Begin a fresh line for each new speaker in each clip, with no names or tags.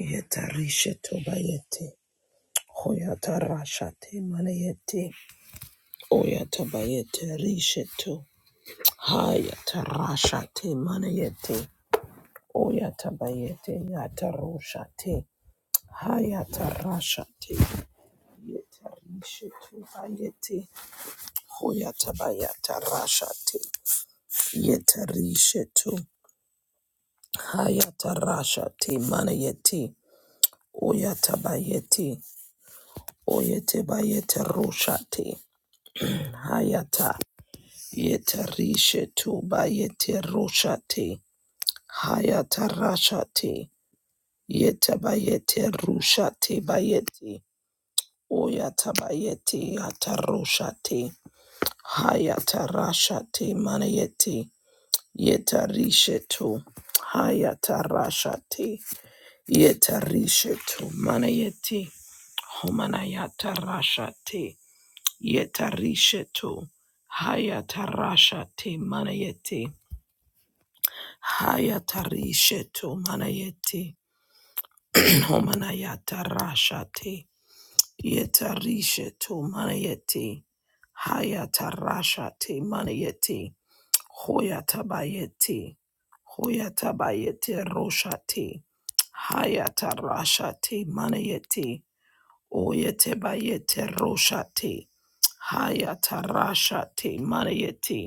Yetarisha tobayete. Hoyata rashate manayete. Oyata bayete risheto. Hayata rashate manayete. Oyata bayete yata roshate. Hayata rashate. Yeta risheto bayete. Hoyata bayata rashate. Yeta risheto. Hayata rashate manayete. Oyata bayete. Oyete bayete roshate. Hayata yetarishe tuba yeterushate. Hayata rashate yetabayete rushate bayete. Oyata bayete yatarushate. Hayata rashate manayete. Yetarishe tu. Hayata rashate yetarishe tu manayete. Homanayata rashate yetarishe tu. Hayatarasha te manayete. Hayatarishe to manayeti. Homanayata rashati. Yetarishe to manayeti. Hayatarashati manayeti. Hoyatabayeti. Hoyatabayeti roshati. Hayatarashati manayeti. Oyetebayete roshati. Hayatarashati manayeti.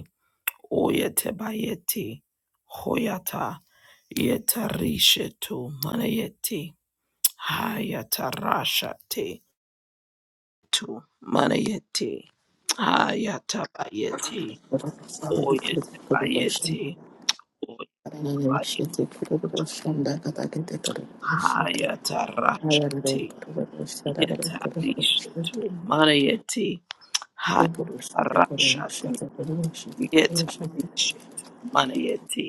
Oyetebayeti hoyata yetarishetu manayeti hayatarashate tu manayeti hayatabayeti
Thank
oyetebayeti oyebayeti hayatarashate yetarishetu manayeti hayatarashate yetarishetu manayeti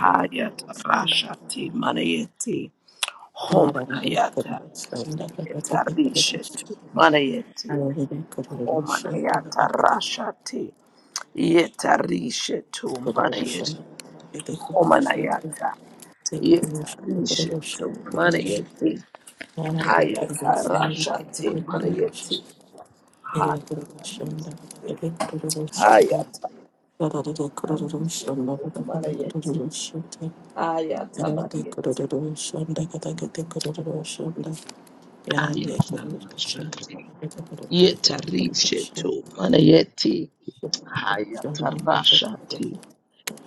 hayatarashate manayeti Homanayata yetarishet manayeti. Homanayata rashati yetarishetu manayeti. Homanayata yetarishetu
you.
manayeti.
Yara Shunda,
Hayata rashati manayeti. Hayata
I
hayata rishetu manayeti. Hayata manayeti. Hayata rashati yetarishetu manayeti. Hayatarashati.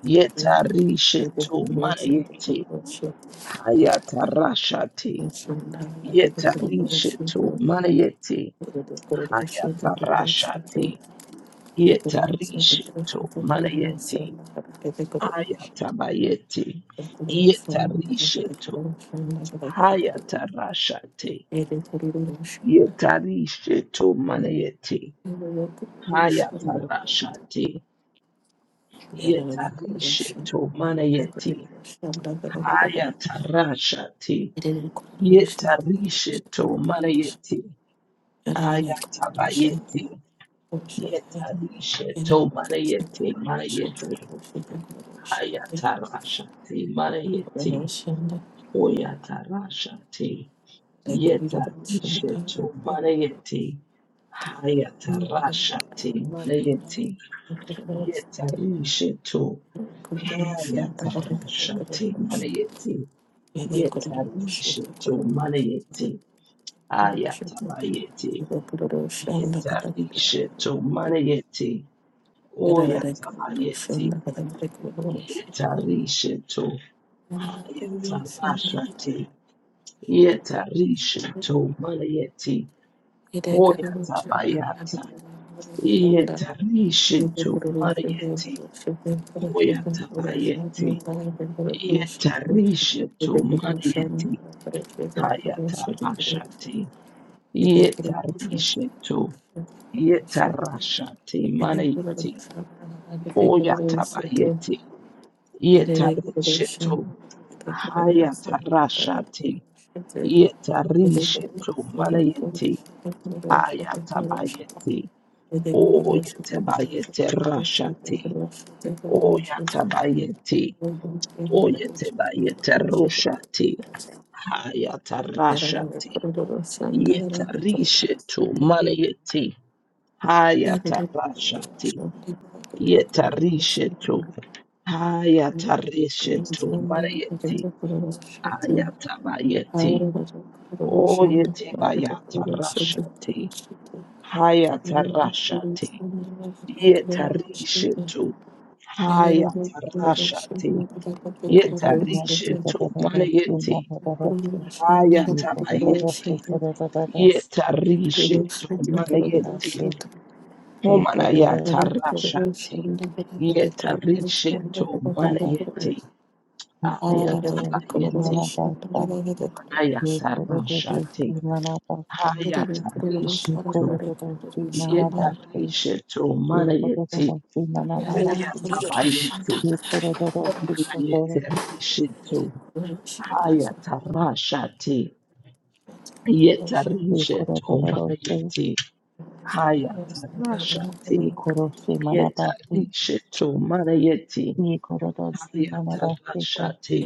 Yetarishetu manayeti. Hayatarashati. Yetarishetu
Yarabbim,
manayeti. Hayatarashati.
Thank
Yetarishetu manayeti. Hayatabayeti. Yetarishetu. Hayatarashati. Yetarishetu manayeti. Hayatarashati. Yetarishetu manayeti. ayatarashati yetarisheto manayeti ayatabayeti yetarisheto manayeti manayeti ayatarashati manayeti oyatarashati yetarisheto manayeti
you.
hayatarashati manayeti
Thank
yetarisheto hayatarashati manayeti yetarisheto manayeti Ayatabayeti, Yetarisheto, Manayeti, Oyatabayeti, Yetarisheto, Ayatabashati, Yetarisheto, Manayeti, Hoyatabayata, Yetarisheto, Manayeti, Hoyatabayeti, Yetarisheto, Manayeti,
you.
Hayatabashati,
Thank
Yetarisheto, Yetarashati manayeti. Oyatabayeti. Yetarishetu. Hayatarashati. Yetarishetu manayeti. Ayatabayeti. Oyatabayete rashati. Oyatabayeti. Oyatabayete rushati. Hayatarashati. Yetarishetu
you.
manayeti.
Thank you.
Hayatarashati. Yetarishetu Hayatarishetu bayeti. Hayatabayeti. Oyetibayatarashati. Hayatarashati. Yetarishetu. Hayatarashati.
कोडोडोसी कोडोडोसी
Yetarishetumbarayeti.
माना कोडोडोसी
Hayatabayeti.
माना कोडोडोसी माना
Yetarishetumbarayeti. Homanayatarashati. Yetarishetumbarayeti.
Thank
Ayatabayeti. Manayatarashati, hayatarishetu,
कोडोडोसी माना कोडोडोसी माना
yetarishetu, manayeti,
कोडोडोसी माना माना सी
oyatabayeti,
कोडोडोसी कोडोडोसी
omanayeterishetu, hayatarashati, yetarishetu,
कोडोडोसी
manayeti, hayatarashati,
कोडोसी माना पापी
yetarishetu, manayeti,
ये कोडोसी माना देखो
hayatarashati,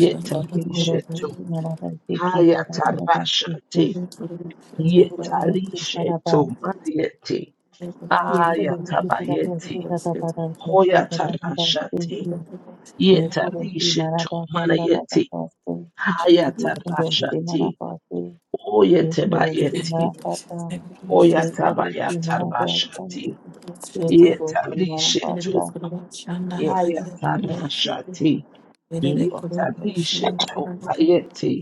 yetarishetu,
Yekorobosi marabasi kitadadadabasi ki.
hayatarashati,
Yekorobosi
Yetarishe to
paraba.
Marieti.
Yekorobosi parabasi
Ayatabayeti.
tadadadabasi tadadadabasi ki.
Hoyatarashati.
Yekorobosi
Yetarishe to Marieti.
marabadadadabasi.
you.
Yekorobosi
Hayatarashati.
marabasi.
Good
Yekorobosi
Oyetabayeti.
marabada. Yekorobosi marabasa.
Oyatabayatarashati.
Yekorobosi
Yetarishe
marabasa.
to
Ye
Hayatarashati.
yeko.
Yetarishe to Marieti.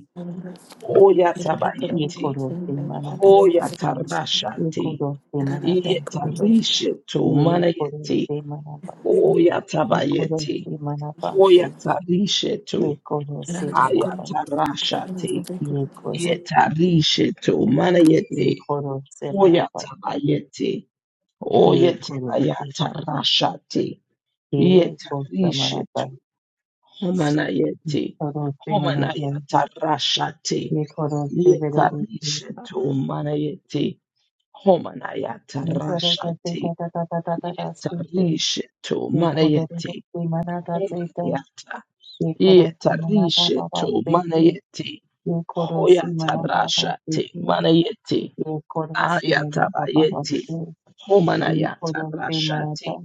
Oyatabayeti.
Yekorobosi marabasa.
Hoyatarashati.
Yekorobosi marabasi.
Yetarishe to manayeti.
Yekorobosi marabasa. ये कोरो
Oyatabayeti.
से मना पाते
Hoyatarishe
ये
to
कोरो से मना पाते
ayatarashati.
ये कोरो से ये
Yetarishe to manayeti.
कोरो से मना पाता
Hoyatabayeti.
ये कोरो से
Oyetabayatarashati.
ये कोरो से मना
Yetarishe
पाता
to
ये
homanayeti.
कोरो से मना पाता
Homanayatarashati.
ये कोरो से बेरे बोलते
Yetarishe to manayeti.
ये कोरो से
Homanayatarashati.
ता ता ता ता ता ता ता से के
Yetarishe tu
ये
mana
कोरो
yeti.
से मना ता से ता
Homanayata.
ये कोरो से मना पा
Yetarishe
पा पा
tu
से
mana
के
yeti.
ये कोरो से मना पा पा
rasha
से
te
के
mana yeti.
ये कोरो से मना
Ayataba
पा पा पा
yeti.
से
Homanayata
Ikorosi
rasha te.
manata,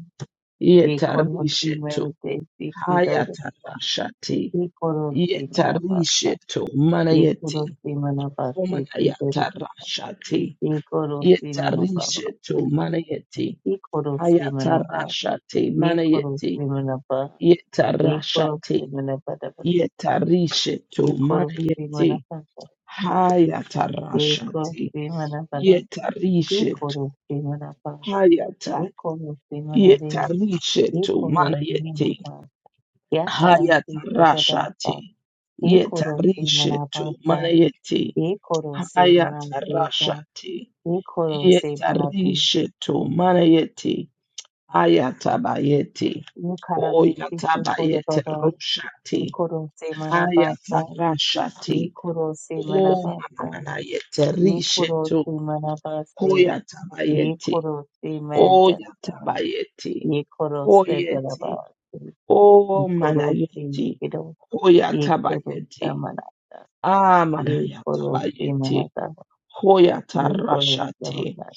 Yetarishe
ikorosi
tu.
manate, ikidorosa,
Hayatarasha te.
ikorosi manapasa,
Yetarishe tu mana yeti.
ikorosi manapasi,
Homanayata
ikidoro,
rasha te.
ikorosi
Yetarishe tu
manapasi,
mana yeti.
ikorosi manapa,
Hayatarasha te mana yeti.
ikorosi manapa,
yetarashate
ikorosi manapada,
yetarishe to
ikorosi
mayete
manapasa,
hayatarashate
ikorosi manapada,
yetarishe to
ikorosi manapa,
hayata
ikorosi manade,
yetarishe to
ikorosi
manayete
manapa, yatarasi
hayatarashate
एक औरों से
yetarishe
मरा
to
पासा
manayete
एक औरों से मरा देगा
hayatarashate
एक औरों से मरा दे
yetarishe to manayete hayatabayete
एक हरा रस्सी से कोरो
oyatabayete
दोदो
roshate
एक औरों से मरा पासा
hayatarashate
एक औरों से मरा
Oh,
पासा
Mamamanayete,
एक औरों
Rishetu,
से मरा पासे एक
Hoyatabayeti,
औरों से मैं जाता
Oyatabayeti,
एक औरों से मरा
Hoyeti,
पासे
Oh,
एक औरों से
Manayeti,
किरो एक औरों से
Hoyatabayeti,
मरा दा,
Ah,
एक औरों से मरा
Manayatabayeti,
दा, एक औरों से
Hoyatarashati,
मरा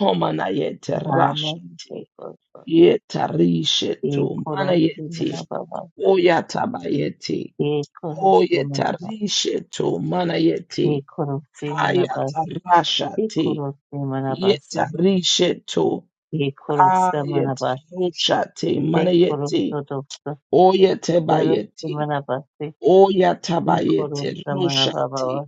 Homanayete,
दा। आनंद से
Rashati,
करो।
Yetarishetu,
ekorosi
Manayeti,
manaba
Oyatabayeti,
ekorosi manaba
Oyetarishetu, Manayeti,
ekorosi manaba
Hayatarashati,
ekorosi manaba
Yetarishetu
ekorosi manaba
ayeterushate
ekorosi
manayeti
dosta ekorosi
oyetabayeti
manaba
oyatabayete
ekorosi manaba
rushati
baba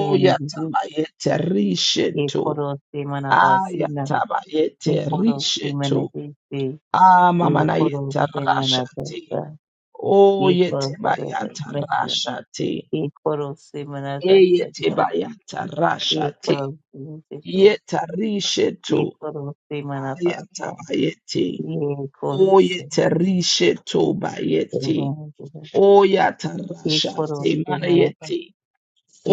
emdi
rishetu
ekorosi manaba sina
ayatabayete
ekorosi
rishetu
manaba ekorosi manaba
amamanayeta
ekorosi manaba
rashati oyetabayata
ekorosi
rashati
manaba
eyetabayata rashati
ekorosi manaba
yetarishetu
एक औरों से मना पाता,
ayatabayeti
ये कौन
Oye
से?
terishe
तेरे
tobayeti.
में जगह,
Oya tarasha
एक औरों से मना पाता,
temayeti.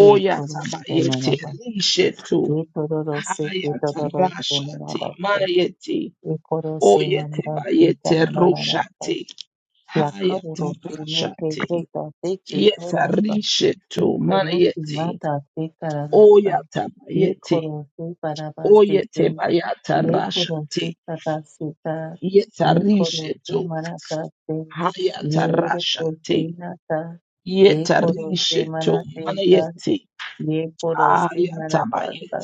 ये कौन से मना
tabayeti
पाता,
rishe to.
ये तोड़ो तो सिख, ये
Haya
तोड़ो तो
tarasha
मना पाता,
temayeti.
एक औरों से
Oye
मना पाता, एक
tebayeti
ना मना पाता,
roshati.
या
Haya
कब रोटी में
tarasha
कहीं कहीं
te.
तो देखिए तोड़ों पाता।
Yetarishe
ये
to
खोरो की
manayeti.
माता से कराता
Oya
ये
tabayeti.
खोरो से बराबर से
Oye
के
tebayata
ये
rasha
खोरो से
te.
सदा से का ये खोरो
Yetarishe
से
to.
मनाता से
Haya
ये
tarasha
रखो से
te.
नाता ये खोरो से
Yetarishetu
मना से का
manayeti
ये खोरो से मना पाता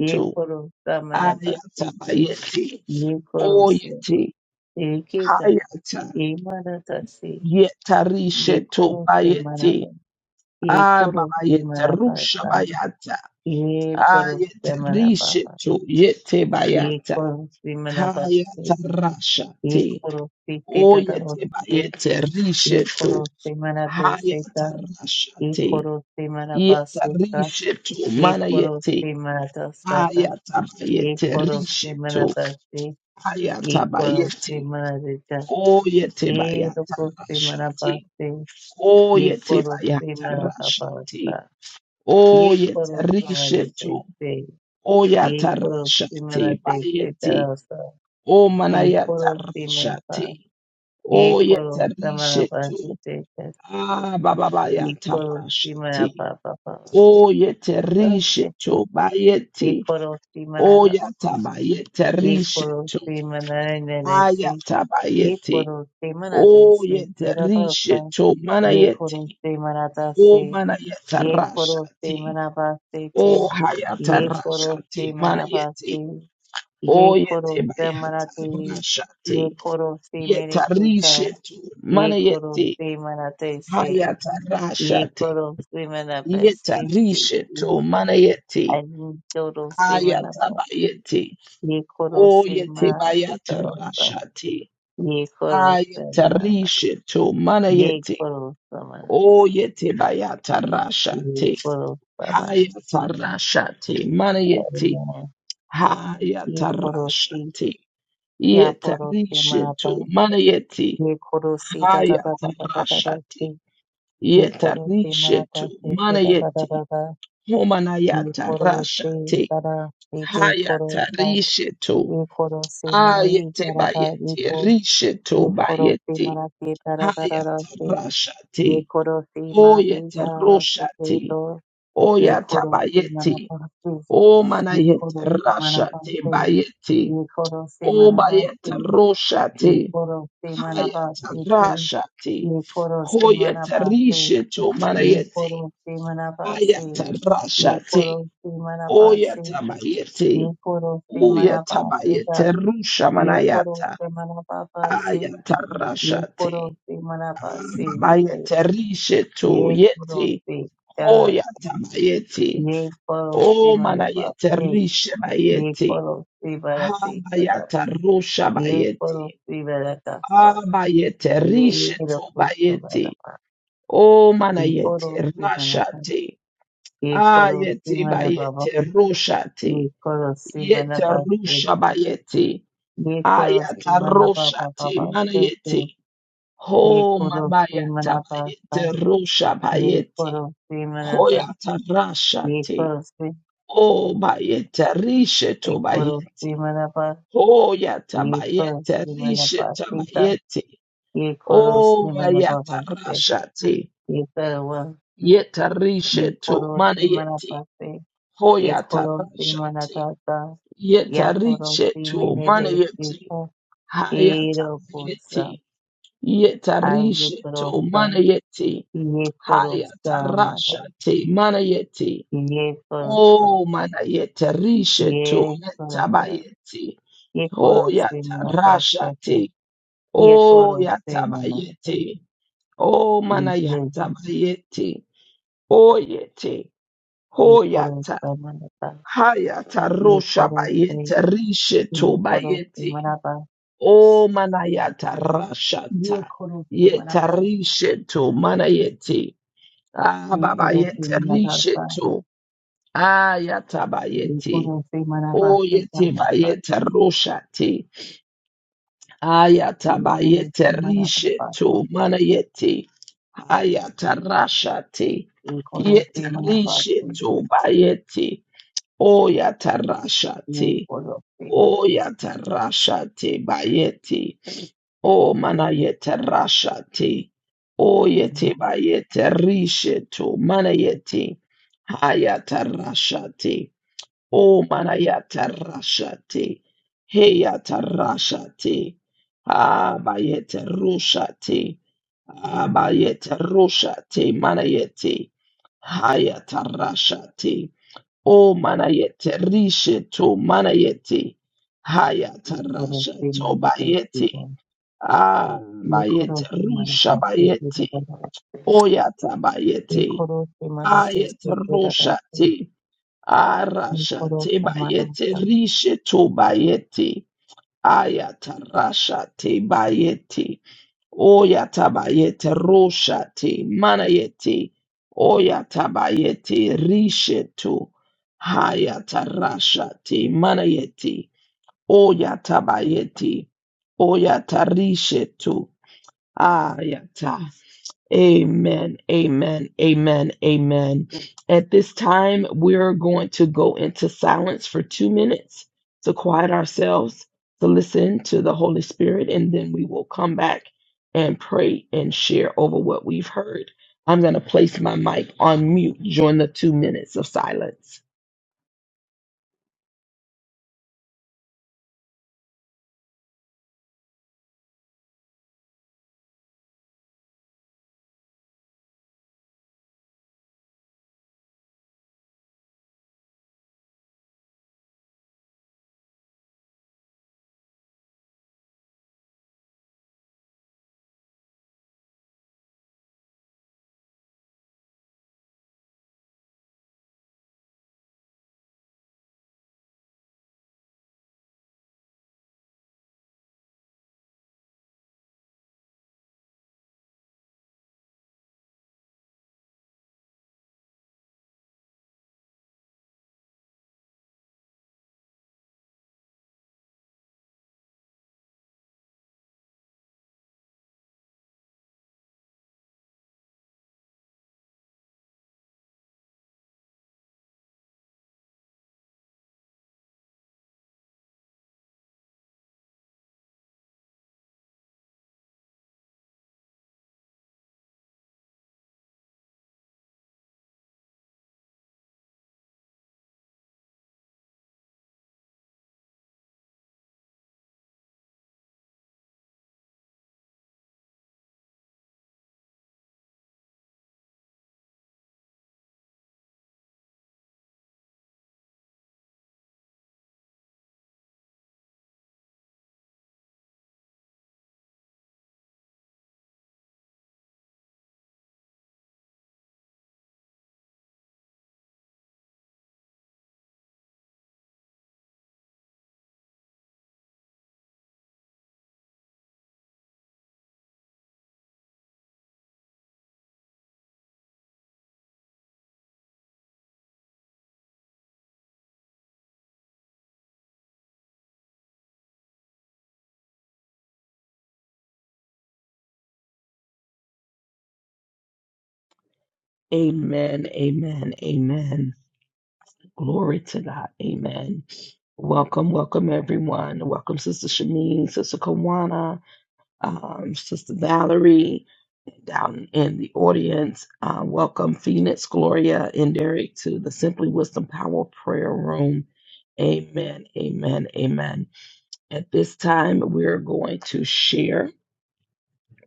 ये खोरो का मना पाते के
ayatabayeti
ये खोरो से
oyeti
एक ही था
hayata
ये मनाता से ये
yetarishetu
खोरो से मना
bayeti
पा ये खोरो से मना
ababayeterusha
पाता
bayata
ये करो रमना पापा
ayetarishetu yete
ये
bayata
करो विमना पापे ये
hayatarashati
करो पीते तरो
oyete
से ये
bayeterishetu
करो से मना ते से का ये
hayatarashati
करो से मना पास से का
yetarishetu
ये करो
manayeti
से मना दस्ता का ये
Ayatabayete
करो से मना
rishetu.
पास से ये करो से
Ayatabayete.
मना देता
Oyete
ये
bayata
लोगों से मना पास
rashati.
से ये
Oyete
करो से
bayata
मना पापा का
rashati.
ये
Oyete
करो हमारे
rishetu.
से ये
Oyata
करो से मना
rashati
ते
bayete.
से
Omanayata
Ikoro simaraba,
rashati.
ikoro
Oyete
samaraba
rishetu.
suteka,
Abababayata
ikoro
rashati.
simaraba baba,
Oyete
suteka,
rishetu bayete.
ikoro simaraba
Oyata
se,
bayete
ikoro
rishetu.
simanare nere se,
Ayatabayeti.
ikoro simanare
O
se,
yete
iraba ba,
risheto
ikoro
manayeti.
simarata
O
se,
manayeta
ikoro
rashati.
simaraba se
O
te,
hayata
ikoro
rashati
simaraba
manayeti.
se,
O yete
ikoro
bayata
samarate,
rashati.
ikoro simere
Yeta
kita.
risheto
ये करो
manayeti.
सीमना ते से
Hayata
ये
rashati.
करो सीमना बस
Yeta
ये ये
risheto manayeti.
अन्य दो रोसे मना
Ayata
पाएंगे
bayeti.
ये करो
O
सीमा
yete
आती
bayata
करो पाएंगे
rashati.
ये करो
Ayeta
सीमा
risheto
ये
manayeti.
करो सीमा
O yete bayata rasha
ये
te,
करो सीमा
hayata rasha te, mana yete,
ये
hayata
करो
rasha
सी
te,
या
yeta
परोसे मना
rishe to,
पाएंगे
mana yete,
ये करो सी ता ता ता
hayata
ता ता ता
rasha
ता से
te,
ये
yeta
करो सी मना
rishe to,
पाएंगे
mana
ता ता ता
yete,
ता ता
homana
ये
yata
करो
rasha
सी
te,
ता
hayata
इतने
rishe to,
एक खोरो से मन ई
ayete
करा था एक
bayete,
को
rishe to
एक खोरो से
bayete,
मना के तरा तरा रा
hayata
से
rasha
ये
te,
खोरो से मा
o
ते
yeta
करा रा से
rosha
के
te,
तो ये
Oya
खोरो से मना
tabayeti.
पा से
O
ये
manayet
खोरो से मना पा
rashate
से
bayeti.
ये खोरो से
O
मना पा
bayet
से ये
roshate.
खोरो से मना पा
Hayat
से के
rashate.
ये खोरो से
Hoyet
मना पा से
risheto
ये
manayeti.
खोरो से मना पा से
Hayat
ये खोरो
rashate.
से मना पा
Oya
से ये
tabayeti.
खोरो से
Oya
मना पा से
tabayete rusha
ये करो
manayata.
से मना पापा से
Ayat
ये करो
rashate.
से मना पापा से ये पे
Bayet risheto
ये करो
yeti.
से चला
Hoya tabayeti.
ये करो से
O
मना पापा
manayet
से
rishe
ये
bayeti.
करो से बड़ा से चला
Habayata rusha
ये करो
bayeti.
से बड़ा कास्ता
Abayete
ये
rishetu
रखो से मना
bayeti.
पापा
O
ये करो
manayete
से मना पापा
rashati.
ये करो से
Ayeti
मना पापा
bayete
ये
rushati.
करो से मना
Yete
पापा से
rusha bayeti.
ये करो से
Ayata
मना पापा
rushati
पापा से से
manayeti.
ये
Ho
करो से
mabayata
मना
bayete
पापा
rusha
एक
bayeti.
पड़ोसी मेरा पास
Hoyata
एक
rashati.
पड़ोसी
O bayete rishetu
एक
bayeti.
पड़ोसी मेरा पास
Oh,
एक
yatabayete,
पड़ोसी मेरा
rishe
पास सीता
tabayete.
एक
Oh,
पड़ोसी मेरा पास से
yatarashate,
एक पड़ोस एक
yetarishe to
पड़ोसी मेरा
manayete.
पास से
Oh,
एक पड़ोसी मेरा
yatarashate,
दादा या
yetarishe
पड़ोसी
to
मेरे देश की
manayete.
को ये रोकोसा
Hayatabayete,
आज
yetarishe to
करोसा
manayete.
ये करोसा हमारा
Hayatarashate, manayete.
ये करोसा
Oh, manayete, rishe to
ये करोसा
yetabayete.
ये
Oh,
पड़ोसी मेरा पास
yatarashate,
ये
Oh,
करो से मनता
yatabayete. Oh,
ये
mana
देवी
yatabayete. Oh, yete.
ये
Oh,
करो
yata.
से मनता
Hayata
ये
rosha
करो से
bayete. Rishe
ये
to
करो से
bayete.
मनता
Oh, mana yata
ये
rashata.
करो से
Yeta
मनता
rishe to mana yete. Ah,
ये
baba
करो से
yete
मनता
rishe
सा
to. Ah,
ये
yatabayete.
करो से मनता
Oh,
से
yete
जाता
bayete roshate.
ये करो
Ayatabayete
से मनता
rishe
पासा
to mana yete. Ayatarashate.
ये करो
Yete
से मनता
rishe
से
to bayete.
ये
Oyatarashate.
करो से मनता
Oyatarashate bayete. O mana yete rashate. Oyete bayete rishe to mana yete. Ayatarashate. O manayata rashate, heyata rashate, abayete rushate, abayete rushate, manayete, hayata rashate, o manayete risheto, manayete, hayata
ये करो से
rashato,
मनते से
bayete,
ये करो
abayete
से
rusha
मनता से जाता
bayete, oyata
ये
bayete,
करो से मनते
ayete
से जाता
rushate,
Ni
Arasha
koro
te bayete
tamarasa.
rishe to bayete. Ayata rasha te bayete. Oyata bayete rosha te manayete. Oyata bayete rishe to. Hayata rasha te manayete. Oyata bayete. Oyata rishe to. Ah, yata. Amen, amen, amen, amen. At this time, we're going to go into silence for two minutes to quiet ourselves, to listen to the Holy Spirit, and then we will come back and pray and share over what we've heard. I'm going to place my mic on mute during the two minutes of silence. Amen, amen, amen. Glory to God. Amen. Welcome, welcome everyone. Welcome, Sister Shamin, Sister Kawana, um, Sister Valerie down in the audience. Uh, welcome, Phoenix, Gloria, and Derek to the Simply Wisdom Power Prayer Room. Amen, amen, amen. At this time, we're going to share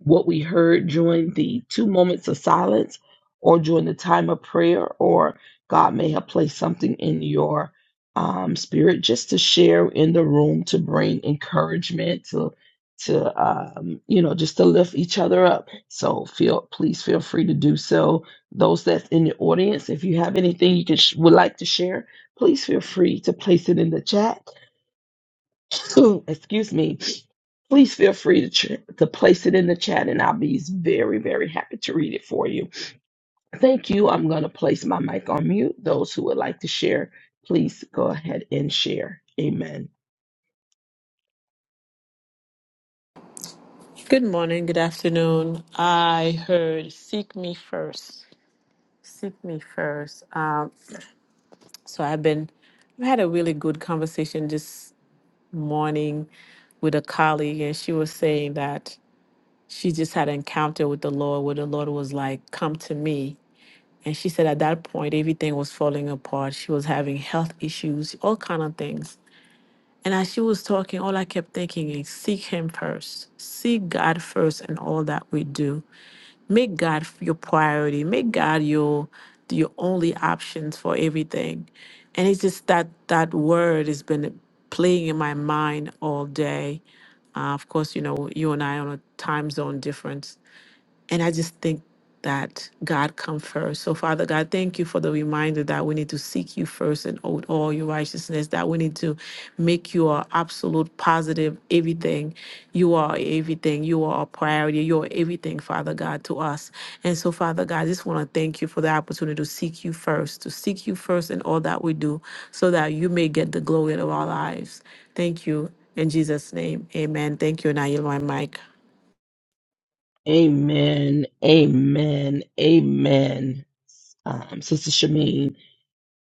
what we heard during the two moments of silence or during the time of prayer, or God may have placed something in your um, spirit just to share in the room to bring encouragement to to um, you know just to lift each other up. So feel please feel free to do so. Those that's in the audience, if you have anything you can sh- would like to share, please feel free to place it in the chat excuse me, please feel free to, ch- to place it in the chat and I'll be very, very happy to read it for you. Thank you. I'm going to place my mic on mute. Those who would like to share, please go ahead and share. Amen.
morning, good afternoon. I heard seek me first. Seek me first. So I've been I had a really good conversation this morning with a colleague and she was saying that she just had an encounter with the Lord where the Lord was like, Come to me. And she said at that point everything was falling apart. She was having health issues, all kind of things. And as she was talking, all I kept thinking is seek him first. Seek God first and all that we do Make God f- your priority. Make God your your only options for everything. And it's just that that word has been playing in my mind all day. Uh, of course, you know you and I are on a time zone difference, and I just think that God come first. So, Father God, thank you for the reminder that we need to seek you first and owe all your righteousness, that we need to make you our absolute positive everything. You are everything. You are our priority. You are everything, Father God, to us. And so, Father God, I just want to thank you for the opportunity to seek you first, to seek you first in all that we do, so that you may get the glory out of our lives. Thank you. In Jesus' name, amen. Thank you. And I yield my mic.
Amen. Amen. Amen. Um, Sister Shameen,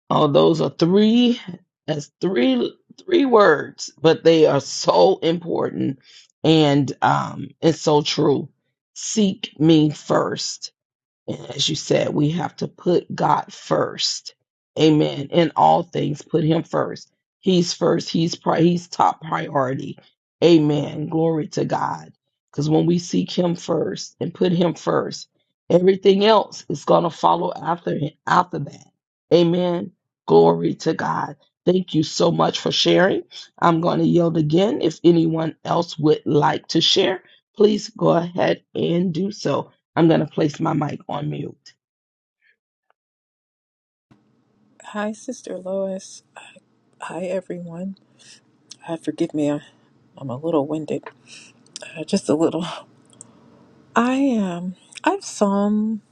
all those are three, that's three, three words, but they are so important and um, it's so true. Seek me first And as you said, we have to put God first. Amen. In all things, put him first. He's first. He's pri- he's top priority. Amen. Glory to God. Because when we seek him first and put him first, everything else is gonna follow after him after that. Amen. Glory to God. Thank you so much for sharing. I'm going to yield again. If anyone else would like to share, please go ahead and do so. I'm going to place my mic on mute.
Hi, Sister Lois. Hi, everyone. Uh, forgive me, I'm, I'm a little winded. Uh, just a little. I am. I'm Psalm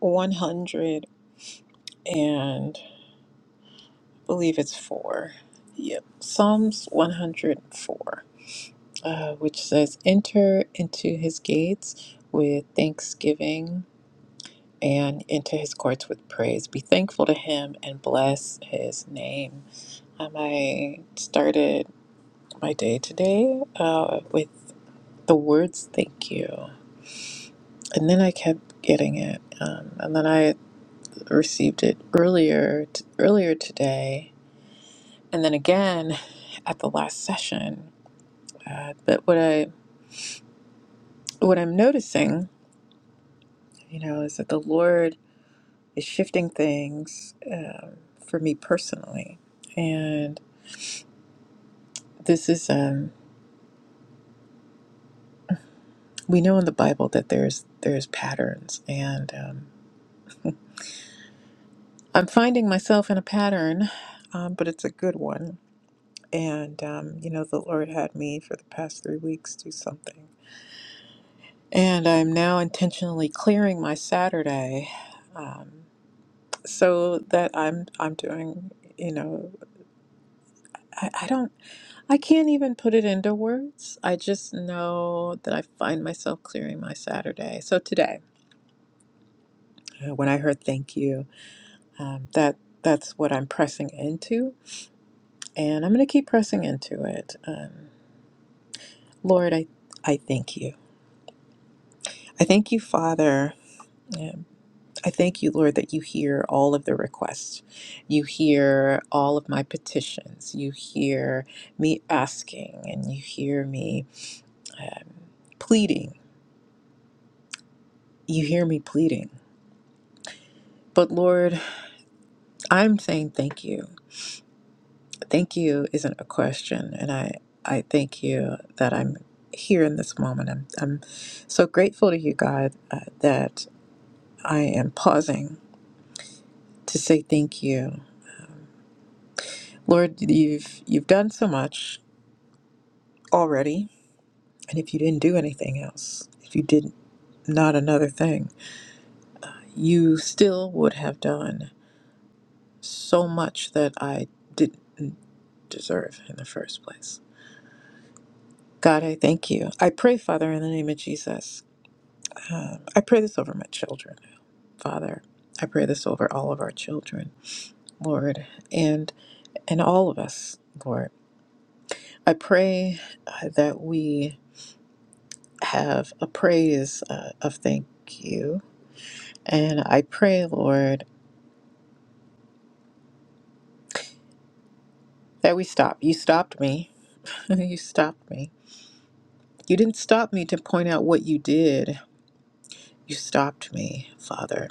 100 and believe it's 4. Yep. Psalms 104, uh, which says, Enter into his gates with thanksgiving and into his courts with praise. Be thankful to him and bless his name. Um, I started my day today uh, with the words thank you and then i kept getting it um, and then i received it earlier t- earlier today and then again at the last session uh, but what i what i'm noticing you know is that the lord is shifting things um, for me personally and this is um we know in the bible that there's there's patterns and um, i'm finding myself in a pattern um, but it's a good one And, um, you know, the Lord had me for the past three weeks do something. And I'm now intentionally clearing my Saturday um, so that I'm, I'm doing, you know, I, I don't, I can't even put it into words. I just know that I find myself clearing my Saturday. So today, uh, when I heard thank you, um, that that's what I'm pressing into. And I'm going to keep pressing into it. Um, Lord, I, I thank you. I thank you, Father. um, I thank you, Lord, that you hear all of the requests. You hear all of my petitions. You hear me asking and you hear me um, pleading. You hear me pleading. But Lord, I'm saying thank you. Thank you isn't a question. And I, I thank you that I'm here in this moment. I'm, I'm so grateful to you, God, uh, that I am pausing to say thank you. Lord, you've, you've done so much already And if you didn't do anything else, if you did not another thing, you still would have done so much that I didn't deserve in the first place. God, I thank you. I pray, Father, in the name of Jesus. Um, I pray this over my children, Father. I pray this over all of our children, Lord, and and all of us, Lord. I pray uh, that we have a praise uh, of thank you, and I pray, Lord. There we stop. You stopped me. you stopped me. You didn't stop me to point out what you did. You stopped me, Father.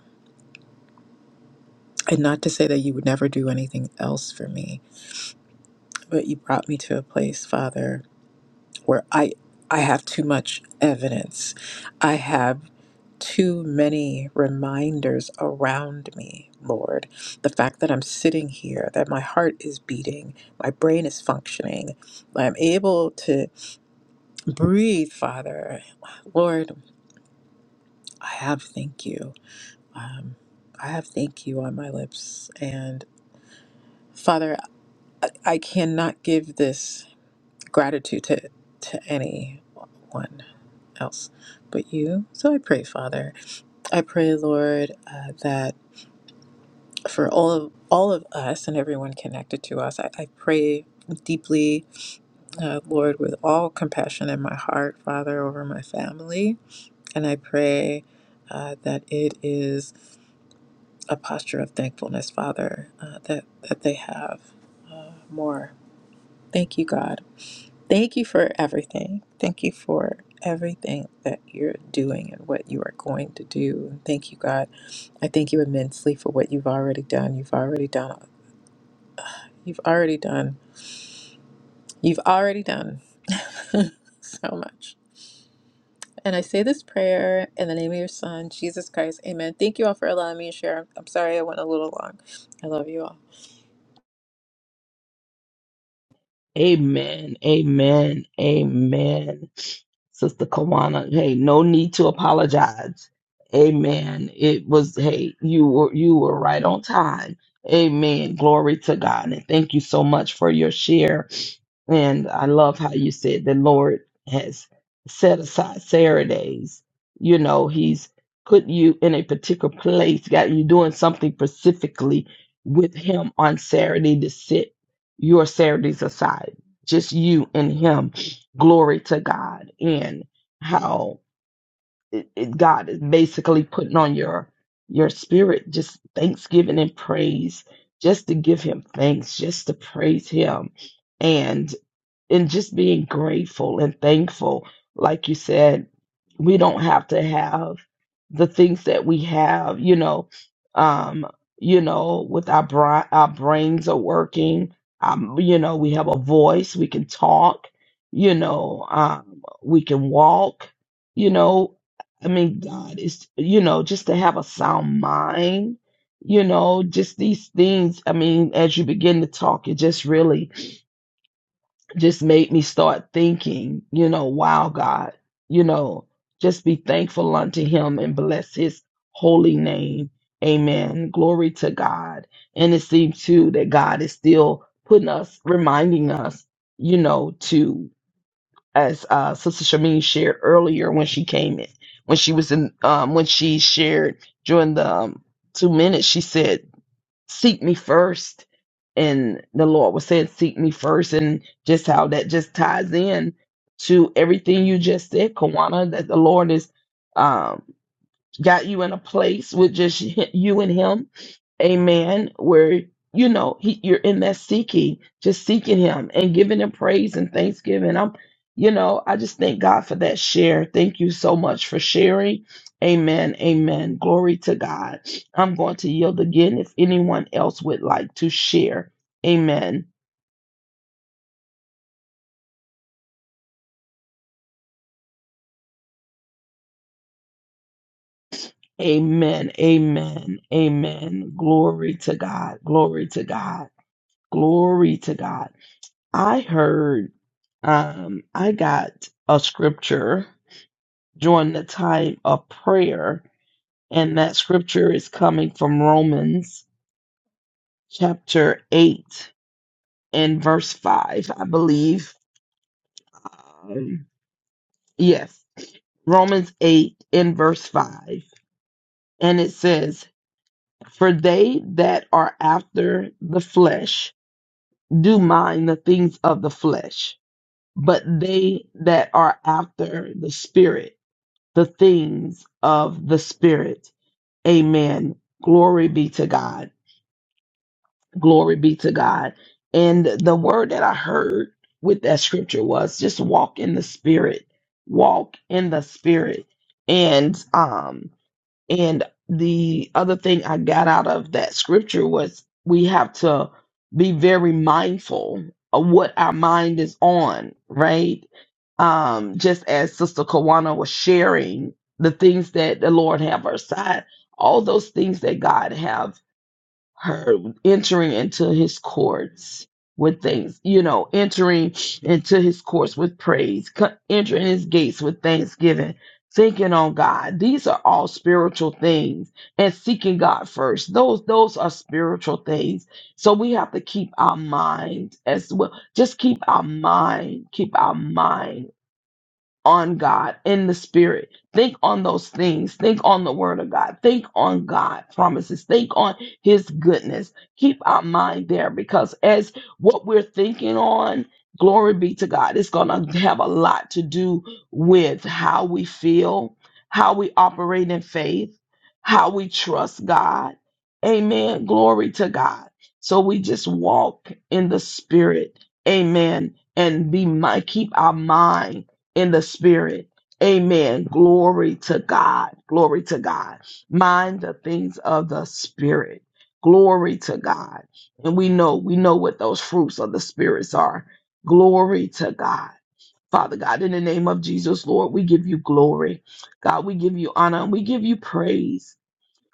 And not to say that you would never do anything else for me, but you brought me to a place, Father, where I I have too much evidence. I have too many reminders around me, Lord. The fact that I'm sitting here, that my heart is beating, my brain is functioning, I'm able to breathe, Father. Lord, I have thank you. Um, I have thank you on my lips. And Father, I, I cannot give this gratitude to, to anyone else but you. So I pray, Father. I pray, Lord, uh, that for all of all of us and everyone connected to us, I, I pray deeply, uh, Lord, with all compassion in my heart, Father, over my family. And I pray uh, that it is. a posture of thankfulness, Father, uh, that, that they have uh, more. Thank you, God. Thank you for everything. Thank you for everything that you're doing and what you are going to do. And thank you, God. I thank you immensely for what you've already done. You've already done. You've already done. You've already done so much. And I say this prayer in the name of your Son, Jesus Christ. Amen. Thank you all for allowing me to share. I'm sorry I went a little long. I love you all.
Amen. Amen. Amen. Sister Kawana, hey, no need to apologize. Amen. It was, hey, you were you were right on time. Amen. Glory to God. And thank you so much for your share. And I love how you said the Lord has set aside Saturdays. You know, He's put you in a particular place, got you doing something specifically with Him on Saturday to set your Saturdays aside, just you and Him. Glory to God. And how it, it, God is basically putting on your your spirit just thanksgiving and praise just to give him thanks just to praise him and and just being grateful and thankful. Like you said, we don't have to have the things that we have, you know, um, you know, with our bri- our brains are working. Um, you know, we have a voice, we can talk, you know, um, we can walk, you know. I mean, God is, you know, just to have a sound mind, you know, just these things. I mean, as you begin to talk, it just really just made me start thinking, you know, wow, God, you know, just be thankful unto him and bless his holy name. Amen. Glory to God. And it seems too that God is still putting us, reminding us, you know, to, as uh, Sister Shamin shared earlier when she came in, when she was in, um, when she shared during the um, two minutes, she said, seek me first and the lord was saying seek me first and just how that just ties in to everything you just said kawana that the lord is um got you in a place with just hi- you and him amen where you know he, you're in that seeking just seeking him and giving him praise and thanksgiving i'm you know i just thank god for that share thank you so much for sharing amen amen glory to god i'm going to yield again if anyone else would like to share amen amen amen amen glory to god glory to god glory to god i heard um, I got a scripture during the time of prayer, and that scripture is coming from Romans chapter 8 and verse 5, I believe. Um, yes, Romans 8 and verse 5. And it says, For they that are after the flesh do mind the things of the flesh, but they that are after the spirit, the things of the spirit Amen. Glory be to God. Glory be to God. And the word that I heard with that scripture was just walk in the spirit. Walk in the spirit. And um and the other thing I got out of that scripture was we have to be very mindful of what our mind is on, right? Um, just as Sister Kawana was sharing, the things that the Lord have her side, all those things that God have her entering into his courts with things, you know, entering into his courts with praise, co- entering his gates with thanksgiving, thinking on God. These are all spiritual things and seeking God first. Those those are spiritual things. So we have to keep our mind as well. Just keep our mind, keep our mind on God in the spirit. Think on those things. Think on the word of God. Think on God promises. Think on his goodness. Keep our mind there because as what we're thinking on, glory be to God, it's going to have a lot to do with how we feel, how we operate in faith, how we trust God. Amen. Glory to God. So we just walk in the spirit. Amen. And be my keep our mind in the spirit. Amen. Glory to God. Glory to God. Mind the things of the spirit. Glory to God. And we know, we know what those fruits of the spirits are. Glory to God. Father God, in the name of Jesus, Lord, we give you glory. God, we give you honor and we give you praise.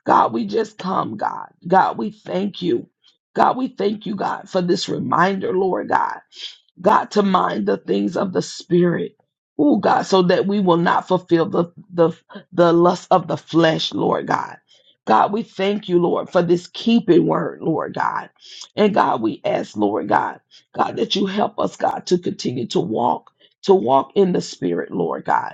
God, we just come, God. God, we thank you. God, we thank you, God, for this reminder, Lord God. God, to mind the things of the spirit. Oh God, so that we will not fulfill the, the the lust of the flesh, Lord God. God, we thank you, Lord, for this keeping word, Lord God. And God, we ask, Lord God, God, that you help us, God, to continue to walk, to walk in the spirit, Lord God.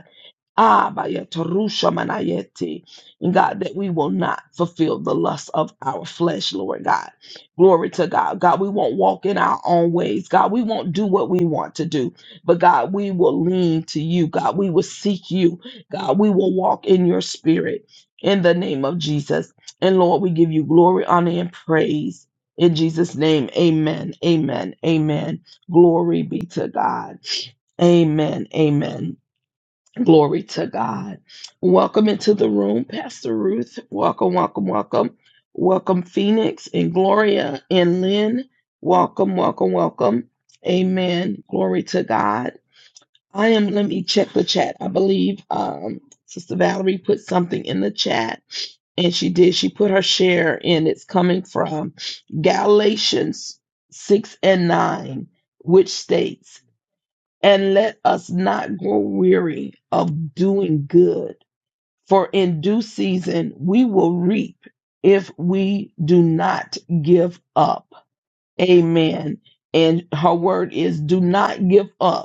Ah, bayeta rusha manayeti. And God, that we will not fulfill the lust of our flesh, Lord God. Glory to God. God, we won't walk in our own ways. God, we won't do what we want to do. But God, we will lean to you. God, we will seek you. God, we will walk in your spirit in the name of Jesus. And Lord, we give you glory, honor, and praise. In Jesus' name, amen, amen, amen. Glory be to God. Amen, amen. Glory to God. Welcome into the room, Pastor Ruth. Welcome, welcome, welcome. Welcome, Phoenix and Gloria and Lynn. Welcome, welcome, welcome. Amen. Glory to God. I am, let me check the chat. I believe um, Sister Valerie put something in the chat, and she did. She put her share in. It's coming from Galatians 6 and 9, which states, and let us not grow weary of doing good, for in due season we will reap if we do not give up. Amen. And her word is do not give up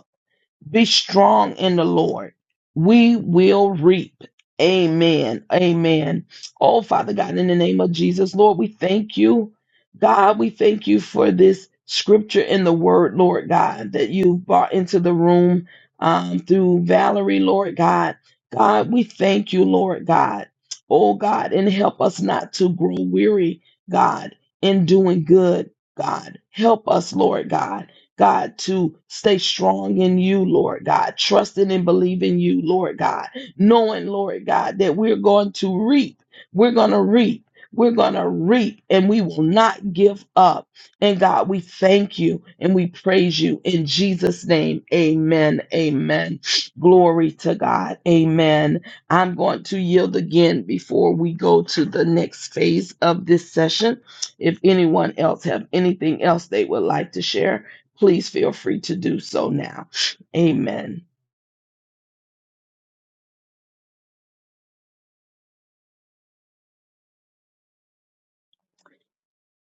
be strong in the Lord. We will reap. Amen. Amen. Oh, Father God, in the name of Jesus, Lord, we thank you. God, we thank you for this scripture in the word, Lord God, that you brought into the room um, through Valerie, Lord God. God, we thank you, Lord God. Oh, God, and help us not to grow weary, God, in doing good, God. Help us, Lord God. God, to stay strong in you, Lord God, trusting and believing you, Lord God, knowing, Lord God, that we're going to reap. We're going to reap. We're going to reap and we will not give up. And God, we thank you and we praise you in Jesus' name. Amen. Amen. Glory to God. Amen. I'm going to yield again before we go to the next phase of this session. If anyone else have anything else they would like to share, please feel free to do so now. Amen.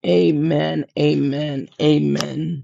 Amen. Amen. Amen.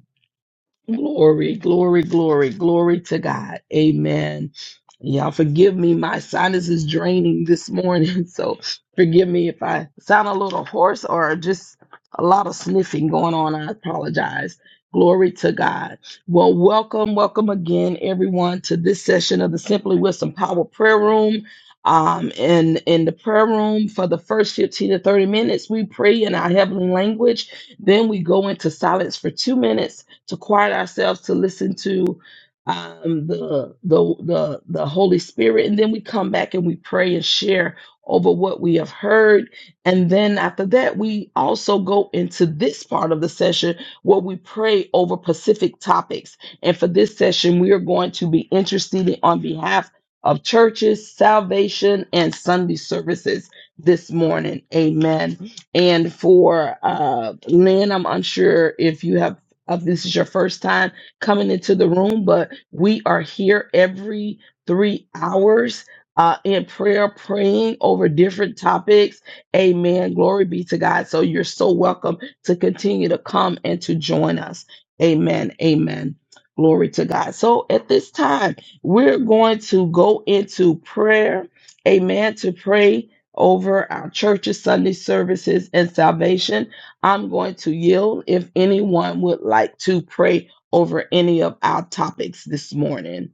Glory, glory, glory, glory to God. Amen. Y'all forgive me. My sinus is draining this morning. So forgive me if I sound a little hoarse or just a lot of sniffing going on. I apologize. Glory to God. Well, welcome, welcome again, everyone, to this session of the Simply Wisdom Power Prayer Room. Um, and in the prayer room for the first 15 to 30 minutes, we pray in our heavenly language. Then we go into silence for two minutes to quiet ourselves to listen to um, the, the the the Holy Spirit, and then we come back and we pray and share over what we have heard, and then after that we also go into this part of the session where we pray over specific topics. And for this session, we are going to be interceding on behalf of churches, salvation, and Sunday services this morning. Amen. And for uh, Lynn, I'm unsure if you have if this is your first time coming into the room, but we are here every three hours uh, in prayer, praying over different topics. Amen. Glory be to God. So you're so welcome to continue to come and to join us. Amen. Amen. Glory to God. So at this time, we're going to go into prayer. Amen. To pray over our churches, Sunday services, and salvation. I'm going to yield if anyone would like to pray over any of our topics this morning.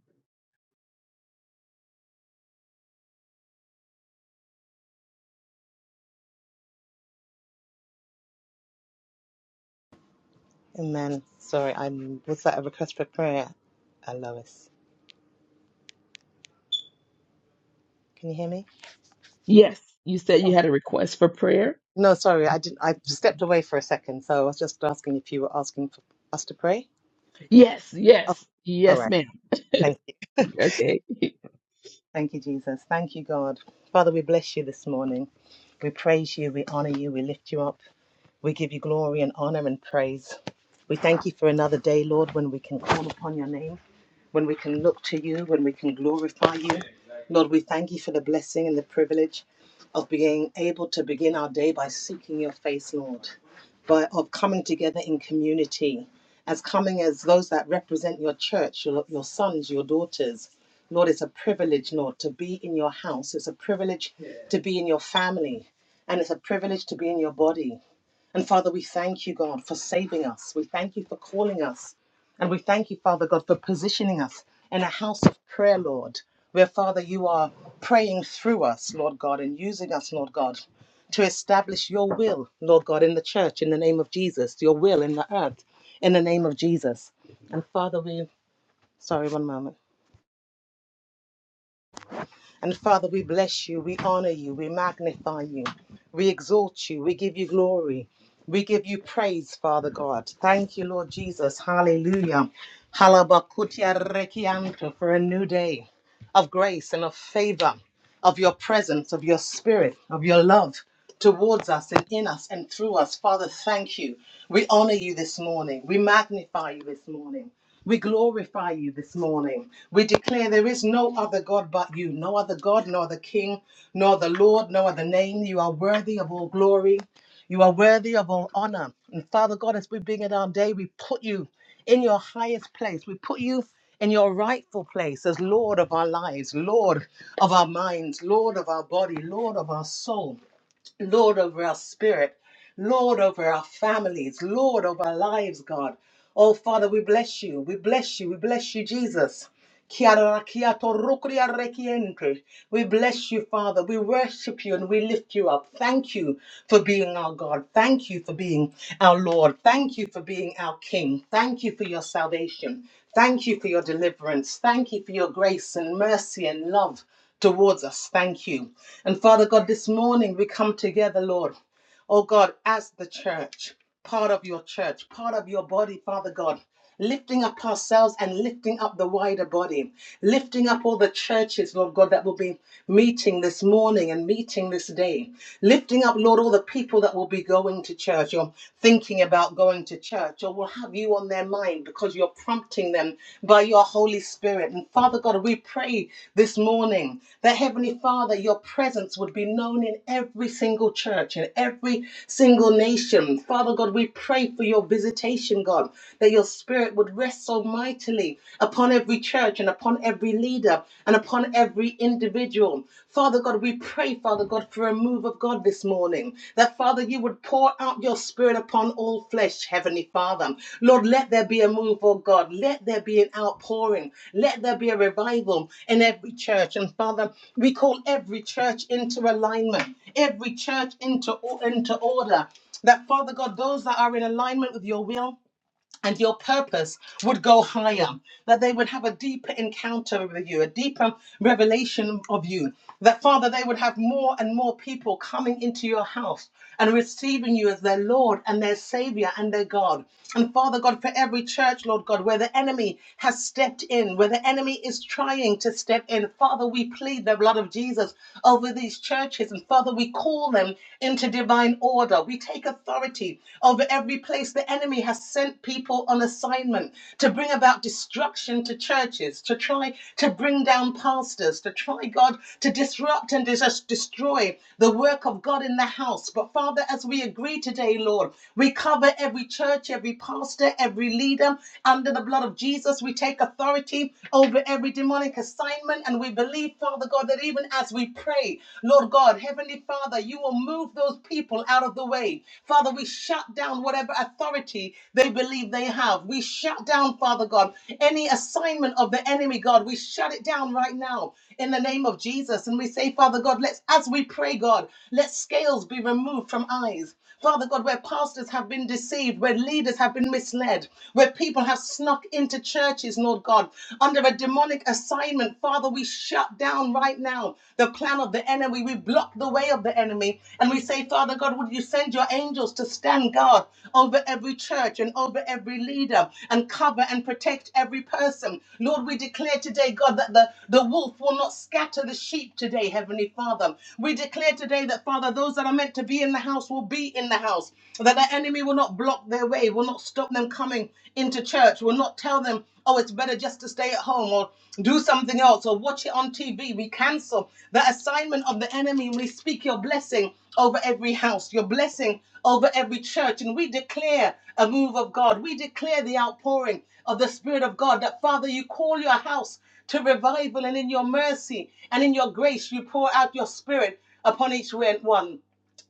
Amen. Sorry, I'm. Was that a request for prayer, uh, Lois? Can you hear me?
Yes, you said you
Oh
had a request for prayer?
no, sorry, I didn't. I stepped away for a second, so I was just asking if you were asking for us to pray.
Yes,
Oh,
yes,
all
yes,
right.
ma'am.
Thank you.
Okay.
Thank you, Jesus. Thank you, God. Father, we bless you this morning. We praise you. We honor you. We lift you up. We give you glory and honor and praise. We thank you for another day, Lord, when we can call upon your name, when we can look to you, when we can glorify you. Lord, we thank you for the blessing and the privilege of being able to begin our day by seeking your face, Lord, by of coming together in community, as coming as those that represent your church, your, your sons, your daughters. Lord, it's a privilege, Lord, to be in your house. It's a privilege to be in your family. And it's a privilege to be in your body. And Father, we thank you, God, for saving us. We thank you for calling us. And we thank you, Father God, for positioning us in a house of prayer, Lord, where, Father, you are praying through us, Lord God, and using us, Lord God, to establish your will, Lord God, in the church, in the name of Jesus, your will in the earth, in the name of Jesus. And Father, we, sorry, one moment. And Father, we bless you, we honor you, we magnify you, we exalt you, we give you glory, we give you praise, Father God. Thank you, Lord Jesus. Hallelujah. Halabakutia rekianto for a new day of grace and of favor, of your presence, of your spirit, of your love towards us and in us and through us. Father, thank you. We honor you this morning. We magnify you this morning. We glorify you this morning. We declare there is no other God but you, no other God, no other King, no other Lord, no other name. You are worthy of all glory. You are worthy of all honor. And Father God, as we bring it our day, we put you in your highest place. We put you in your rightful place as Lord of our lives, Lord of our minds, Lord of our body, Lord of our soul. Lord over our spirit, Lord over our families, Lord over our lives, God. Oh, Father, we bless you. We bless you. We bless you, Jesus. Kiarakiato rukria rekiente. We bless you, Father. We worship you and we lift you up. Thank you for being our God. Thank you for being our Lord. Thank you for being our King. Thank you for your salvation. Thank you for your deliverance. Thank you for your grace and mercy and love towards us. Thank you. And Father God, this morning we come together, Lord. Oh God, as the church, part of your church, part of your body, Father God, lifting up ourselves and lifting up the wider body, lifting up all the churches, Lord God, that will be meeting this morning and meeting this day, lifting up, Lord, all the people that will be going to church or thinking about going to church or will have you on their mind because you're prompting them them by your Holy Spirit. And Father God, we pray this morning that Heavenly Father, your presence would be known in every single church, in every single nation. Father God, we pray for your visitation, God, that your spirit would rest so mightily upon every church and upon every leader and upon every individual. Father God, we pray, for. Father God, for a move of God this morning. That, Father, you would pour out your spirit upon all flesh, Heavenly Father. Lord, let there be a move, oh God. Let there be an outpouring. Let there be a revival in every church. And, Father, we call every church into alignment, every church into, into order. That, Father God, those that are in alignment with your will, and your purpose would go higher, that they would have a deeper encounter with you, a deeper revelation of you, that Father, they would have more and more people coming into your house and receiving you as their Lord and their Savior and their God. And Father God, for every church, Lord God, where the enemy has stepped in, where the enemy is trying to step in, Father, we plead the blood of Jesus over these churches. And Father, we call them into divine order order. We take authority over every place the enemy has sent people on assignment to bring about destruction to churches, to try to bring down pastors, to try, God, to disrupt and dis- destroy the work of God in the house. But Father, as we agree today, Lord, we cover every church, every pastor, every leader under the blood of Jesus. We take authority over every demonic assignment and we believe, Father God, that even as we pray, Lord God, Heavenly Father, you will move those people out of the way. Father, we shut down whatever authority they believe they have. We shut down, Father God, any assignment of the enemy, God. We shut it down right now in the name of Jesus. And we say, Father God, let's, as we pray, God, let scales be removed from eyes. Father God, where pastors have been deceived, where leaders have been misled, where people have snuck into churches, Lord God, under a demonic assignment, Father, we shut down right now the plan of the enemy. We block the way of the enemy. And we say, Father God, would you send your angels to stand guard over every church and over every leader and cover and protect every person? Lord, we declare today, God, that the, the wolf will not scatter the sheep today, Heavenly Father. We declare today that, Father, those that are meant to be in the in the house will be in the house. That the enemy will not block their way, will not stop them coming into church, will not tell them, oh, it's better just to stay at home or do something else or watch it on TV. We cancel the assignment of the enemy. We speak your blessing over every house, your blessing over every church. And we declare a move of God. We declare the outpouring of the Spirit of God that, Father, you call your house to revival and in your mercy and in your grace you pour out your Spirit upon each one.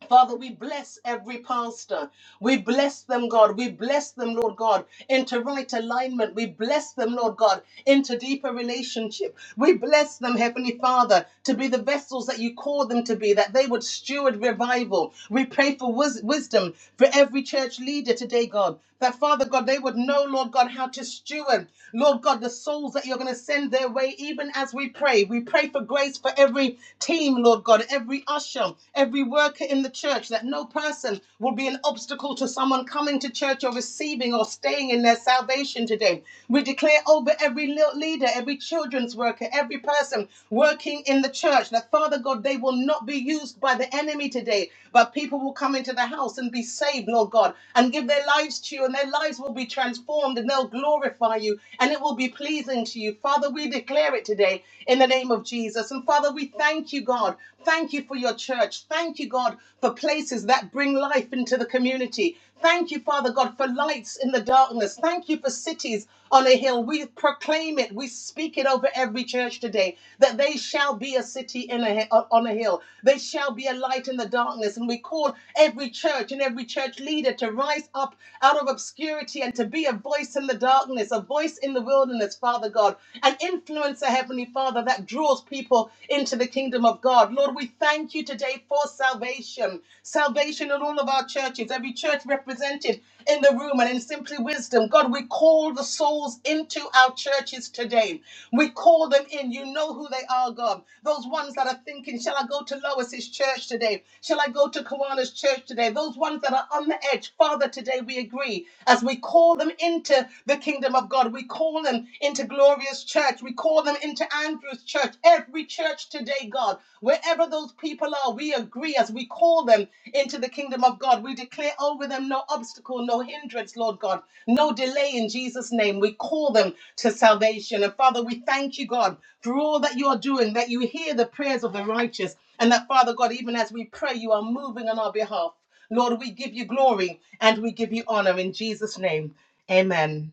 Father, we bless every pastor. We bless them, God. We bless them, Lord God, into right alignment. We bless them, Lord God, into deeper relationship. We bless them, Heavenly Father, to be the vessels that you call them to be, that they would steward revival. We pray for wis- wisdom for every church leader today, God. That Father God, they would know, Lord God, how to steward, Lord God, the souls that you're going to send their way, even as we pray. We pray for grace for every team, Lord God, every usher, every worker in the church, that no person will be an obstacle to someone coming to church or receiving or staying in their salvation today. We declare over every le- leader, every children's worker, every person working in the church that, Father God, they will not be used by the enemy today, but people will come into the house and be saved, Lord God, and give their lives to you, and their lives will be transformed and they'll glorify you, and it will be pleasing to you. Father, we declare it it today in the name of Jesus. And Father, we thank you, God. Thank you for your church. Thank you, God, for places that bring life into the community. Thank you, Father God, for lights in the darkness. Thank you for cities on a hill. We proclaim it. We speak it over every church today that they shall be a city in a, on a hill. They shall be a light in the darkness. And we call every church and every church leader to rise up out of obscurity and to be a voice in the darkness, a voice voice in the wilderness, Father God, an influencer, Heavenly Father, that draws people into the kingdom of God. Lord, we thank you today for salvation. Salvation in all of our churches, every church represented in the room and in Simply Wisdom. God, we call the souls into our churches today. We call them in. You know who they are, God. Those ones that are thinking, shall I go to Lois's church today? Shall I go to Kawana's church today? Those ones that are on the edge, Father, today we agree free as we call them into the kingdom of God. We call them into Glorious Church. We call them into Andrew's Church. Every church today, God, wherever those people are, we agree as we call them into the kingdom of God. We declare over them no obstacle, no hindrance, Lord God, no delay in Jesus' name. We call them to salvation. And Father, we thank you, God, for all that you are doing, that you hear the prayers of the righteous, and that, Father God, even as we pray, you are moving on our behalf. Lord, we give you glory and we give you honor in Jesus' name. Amen.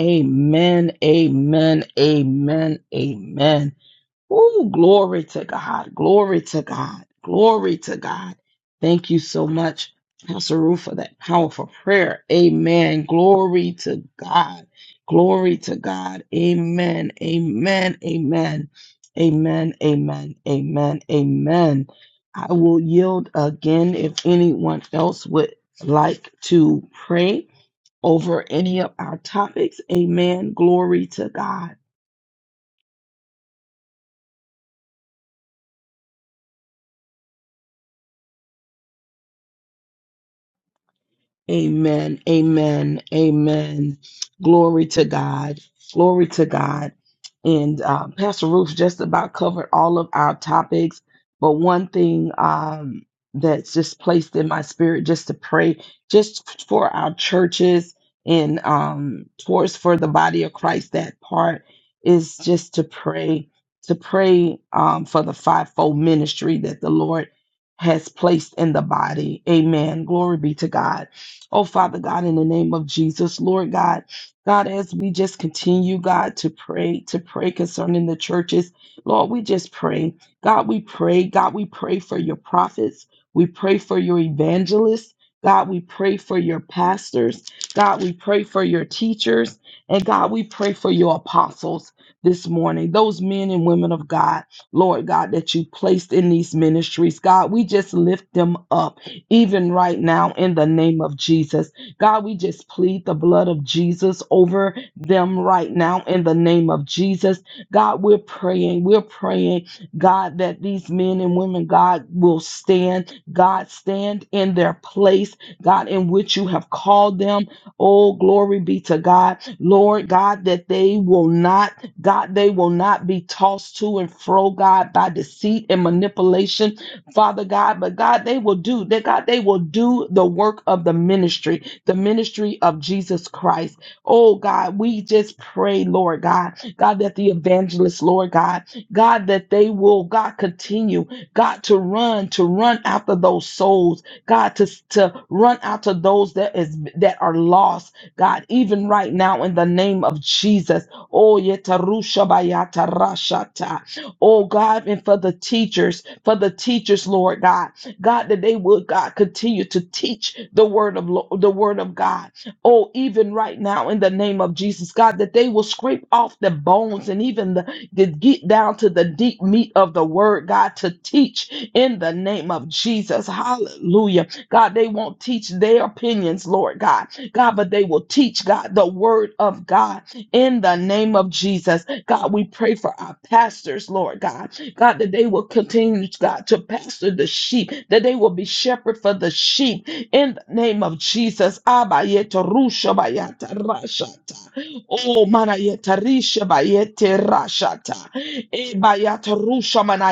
Amen, amen, amen, amen. Oh, glory to God. Glory to God. Glory to God. Thank you so much, Pastor Ruth, for that powerful prayer. Amen. Glory to God. Glory to God. Amen. Amen. Amen. Amen. Amen. Amen. Amen. I will yield again if anyone else would like to pray over any of our topics. Amen. Glory to God. Amen. Amen. Amen. Glory to God. Glory to God. And uh, Pastor Ruth just about covered all of our topics. But one thing um, that's just placed in my spirit, just to pray, just for our churches and um, towards for the body of Christ, that part is just to pray, to pray um, for the fivefold ministry that the Lord has placed in the body. Amen. Glory be to God Oh, Father God, in the name of Jesus, Lord God, God, as we just continue, God, to pray, to pray concerning the churches, Lord, we just pray. God, we pray. God, we pray for your prophets. We pray for your evangelists. God, we pray for your pastors. God, we pray for your teachers. And God, we pray for your apostles this morning, those men and women of God, Lord God, that you placed in these ministries. God, we just lift them up even right now in the name of Jesus. God, we just plead the blood of Jesus over them right now in the name of Jesus. God, we're praying, we're praying, God, that these men and women, God, will stand, God, stand in their place, God, in which you have called them. Oh, glory be to God. Lord God, that they will not, God, they will not be tossed to and fro, God, by deceit and manipulation Father God, but God, they will do that. God, they will do the work of the ministry, the ministry of Jesus Christ. Oh God, we just pray, Lord God, God, that the evangelists, Lord God, God, that they will, God, continue, God, to run, to run after those souls, God, to, to run after those that is that are lost, God, even right now in the name of Jesus. Oh, yetarusha bayata rashata. Oh God, and for the teachers, for the teachers, Lord God, God, that they would God continue to teach the word of Lo- the word of God. Oh, even right now in the name of Jesus, God, that they will scrape off the bones and even the, to get down to the deep meat of the word, God, to teach in the name of Jesus. Hallelujah. God, they won't teach their opinions, Lord God. God, but they will teach God the word of God in the name of Jesus. God, we pray for our pastors, Lord God. God, that they will continue, God, to pastor the sheep, that they will be shepherd for the sheep. In the name of Jesus. Abba, yeta, rusha, ba, yata, rashata. Oh, mana, risha, ba, yete, rashata. Eba, rusha, mana,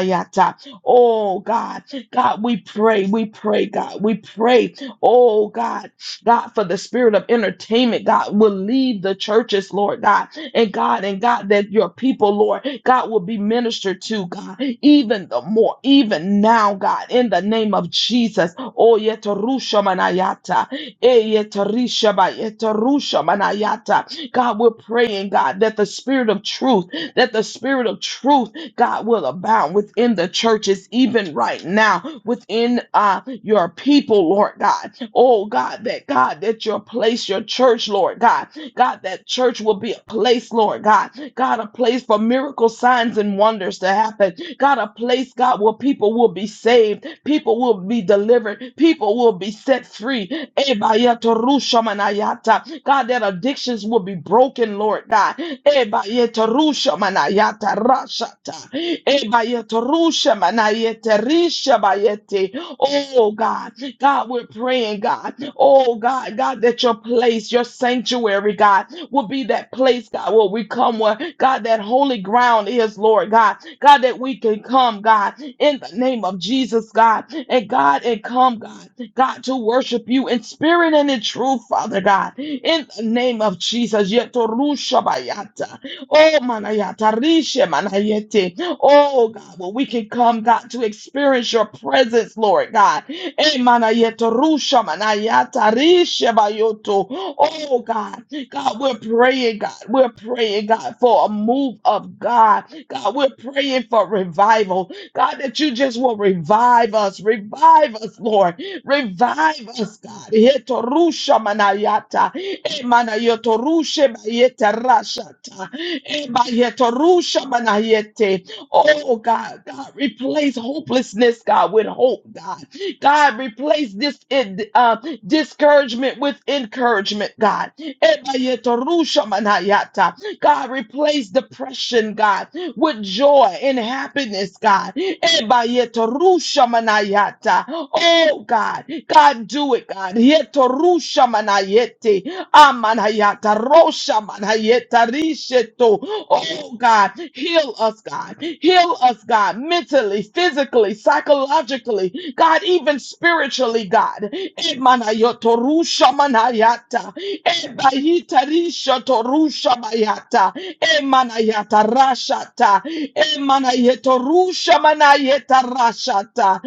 Oh, God. God, we pray. We pray, God. We pray. Oh, God. God, for the spirit of entertainment, God, will leave the churches, Lord God. And God, and God, that your people, Lord, God will be ministered to, God, even the more, even now, God, in the name of Jesus. Oh, yetarusha manayata. Eh, yetarisha ba- yetarusha manayata. God, we're praying, God, that the spirit of truth, that the spirit of truth, God, will abound within the churches, even right now, within uh, your people, Lord God. Oh, God, that God, that your place, your church, Lord God, God, that church will be a place, Lord God. God, a place for miracle signs and wonders to happen. God, a place, God, where people will be saved, people will be delivered, people will be set free. Ebayetorushamanayata. God, that addictions will be broken, Lord God. Ebayetorushamanayata rashata. Ebayetorushamanayeterishabayete. Oh God, God, we're praying, God. Oh God, God, that your place, your sanctuary, God, will be that place, God, where we come where God, that holy ground is, Lord God. God, that we can come, God, in the name of Jesus, God, and God, and come, God, God, to worship you in spirit and in truth, Father God, in the name of Jesus. Yetorushabayata. Oh manayata rishe manayete. Oh God, well, we can come, God, to experience your presence, Lord God. Emanayetorusham, anayatarishabayoto. Oh God, God, we're praying, God, we're praying, God, for a move of God. God, we're praying for revival. God, that you just will revive us, revive us, Lord. Revive us, God. Yetorushamanayata, emanayotorushebayetarashata, ebayetorushamanayete. Oh God, God, replace hopelessness, God, with hope, God. God, replace this in, uh, discouragement with encouragement, God. Eba yeto rusha manayata. God, replace depression, God with joy and happiness, God. Ebayetorushamanayata. Oh, God. God, do it, God. Yetorushamanayete. Amanayata. Roshamanayeta. Risheto. Oh, God. Heal us, God. Heal us, God. Mentally, physically physically, psychologically, God, even spiritually, God. Emanayotoru shamanayata. Ebahitarisha toru shamayata. Emanayata rashata. Emanayetoru shamanayeta rashata.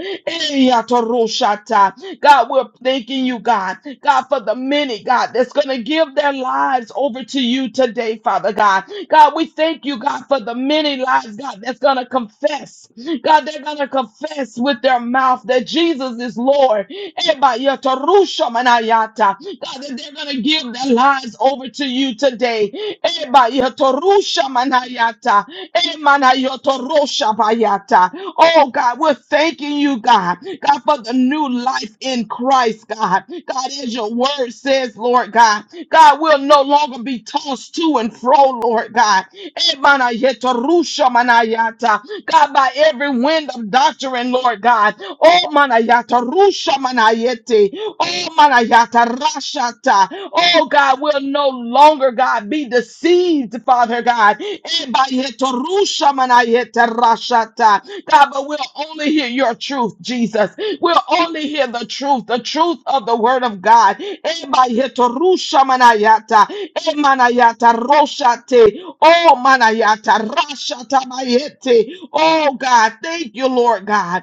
Eyatoru shata. God, we're thanking you, God. God, for the many, God, that's going to give their lives over to you today, Father God. God, we thank you, God, for the many lives, God, that's going to confess. God, they're going to confess with their mouth that Jesus is Lord. Eba yata rusha manayata. God, that they're going to give give their lives over to you today. Eba yotorusha manayata. Emana yotorosha bayata. Oh God, we're thanking you, God. God, for the new life in Christ, God. God, as your word says, Lord God, God will no longer be tossed to and fro, Lord God. Emana yotorusha manayata. God, by every wind of doctrine, Lord God. Oh manayata rusha manayete. Oh, manayata rashata. Oh, God, we'll no longer, God, be deceived, Father God. Ebayeta rusha manayeta rashata. God, but we'll only hear your truth, Jesus. We'll only hear the truth, the truth of the word of God. Ebayeta rusha manayata. Emanayata roshate. Oh, manayata rashata bayete. Oh, God, thank you, Lord God.